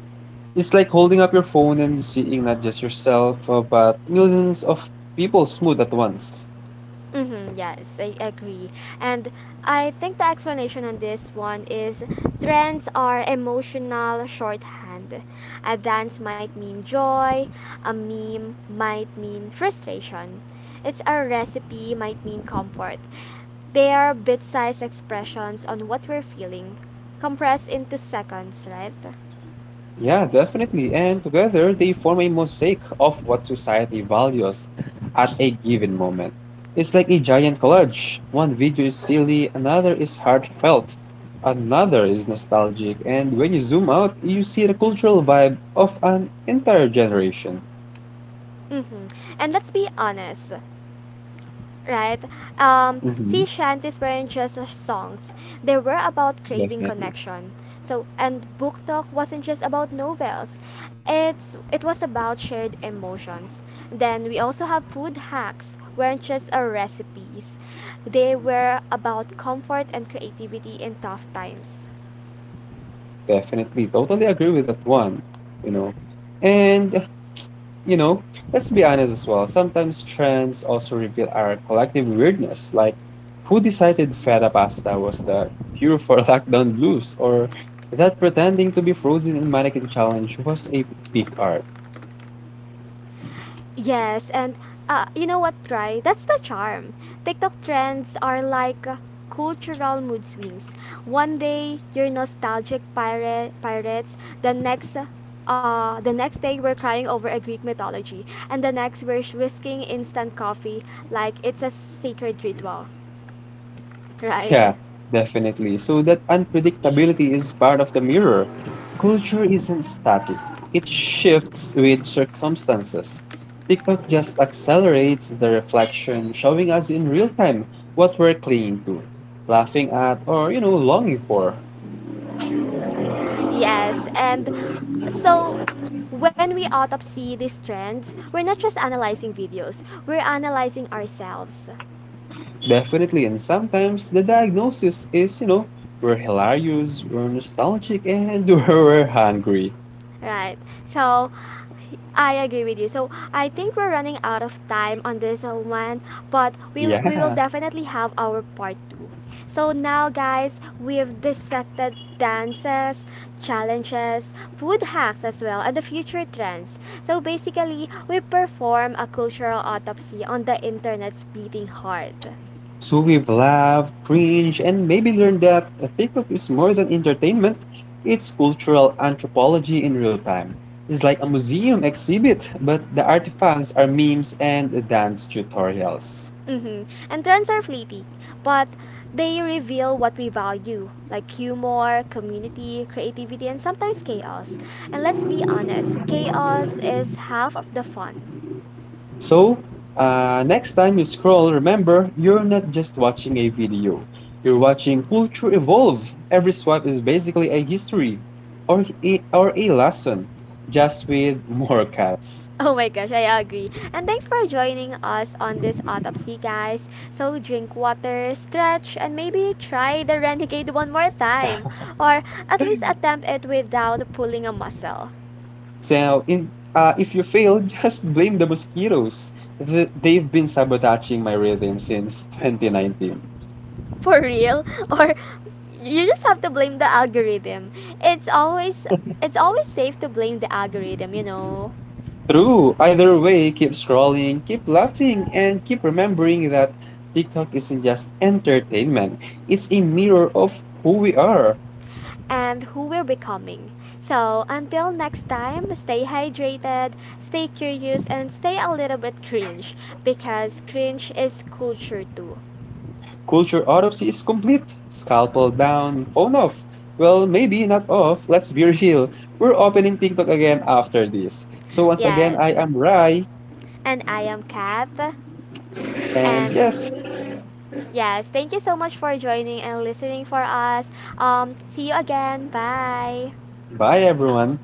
[SPEAKER 2] it's like holding up your phone and seeing not just yourself, uh, but millions of people smooth at once.
[SPEAKER 1] Mm-hmm, yes, I agree. And I think the explanation on this one is trends are emotional shorthand. A dance might mean joy, a meme might mean frustration. It's a recipe might mean comfort. They are bit-sized expressions on what we're feeling, compressed into seconds, right?
[SPEAKER 2] Yeah, definitely. And together they form a mosaic of what society values at a given moment. It's like a giant collage. One video is silly, another is heartfelt, another is nostalgic, and when you zoom out, you see the cultural vibe of an entire generation.
[SPEAKER 1] Mm-hmm. And let's be honest, right? Um,
[SPEAKER 2] Mm-hmm.
[SPEAKER 1] Sea shanties weren't just uh, songs; they were about craving
[SPEAKER 2] Definitely.
[SPEAKER 1] connection. So, and book talk wasn't just about novels; it's it was about shared emotions. Then we also have food hacks weren't just uh, recipes; they were about comfort and creativity in tough times.
[SPEAKER 2] Definitely. Totally agree with that one. You know, and you know, let's be honest as well. Sometimes trends also reveal our collective weirdness, like who decided feta pasta was the cure for lockdown blues, or that pretending to be frozen in mannequin challenge was a peak art.
[SPEAKER 1] Yes, and uh, you know what, Try? That's the charm. TikTok trends are like uh, cultural mood swings. One day you're nostalgic pirate pirates, the next uh, the next day we're crying over a Greek mythology, and the next we're whisking instant coffee like it's a sacred ritual, right?
[SPEAKER 2] Yeah, definitely. So that unpredictability is part of the mirror. Culture isn't static, it shifts with circumstances. TikTok just accelerates the reflection, showing us in real time what we're clinging to, laughing at, or, you know, longing for.
[SPEAKER 1] Yes, and so when we autopsy these trends, we're not just analyzing videos, we're analyzing ourselves.
[SPEAKER 2] Definitely, and sometimes the diagnosis is, you know, we're hilarious, we're nostalgic, and we're hungry.
[SPEAKER 1] Right. So I agree with you. So I think we're running out of time on this uh, one, but we we will
[SPEAKER 2] Yeah.
[SPEAKER 1] definitely have our part two. So now guys, we've dissected dances, challenges, food hacks as well, and the future trends. So basically, we perform a cultural autopsy on the internet's beating heart.
[SPEAKER 2] So we've laughed, cringed, and maybe learned that a pickup is more than entertainment, it's cultural anthropology in real time. It's like a museum exhibit, but the artifacts are memes and dance tutorials.
[SPEAKER 1] Mm-hmm. And trends are fleeting, but they reveal what we value, like humor, community, creativity, and sometimes chaos. And let's be honest, chaos is half of the fun.
[SPEAKER 2] So, uh, next time you scroll, remember you're not just watching a video, you're watching culture evolve. Every swipe is basically a history or a, or a lesson, just with more cats.
[SPEAKER 1] Oh my gosh, I agree. And thanks for joining us on this autopsy, guys. So drink water, stretch, and maybe try the renegade one more time, or at least attempt it without pulling a muscle.
[SPEAKER 2] So, in uh, if you fail, just blame the mosquitoes. Th- they've been sabotaging my rhythm since twenty nineteen.
[SPEAKER 1] For real. or you just have to blame the algorithm. It's always, it's always safe to blame the algorithm, you know.
[SPEAKER 2] True. Either way, keep scrolling, keep laughing, and keep remembering that TikTok isn't just entertainment. It's a mirror of who we are.
[SPEAKER 1] And who we're becoming. So until next time, stay hydrated, stay curious, and stay a little bit cringe, because cringe is culture too.
[SPEAKER 2] Culture autopsy is complete. Scalpel down, phone off. Well, maybe not off. Let's be real. We're opening TikTok again after this. So once again,
[SPEAKER 1] Yes,
[SPEAKER 2] I am Rai,
[SPEAKER 1] and I am Kath,
[SPEAKER 2] and
[SPEAKER 1] and
[SPEAKER 2] yes,
[SPEAKER 1] yes, thank you so much for joining and listening for us. um see you again. Bye.
[SPEAKER 2] bye everyone.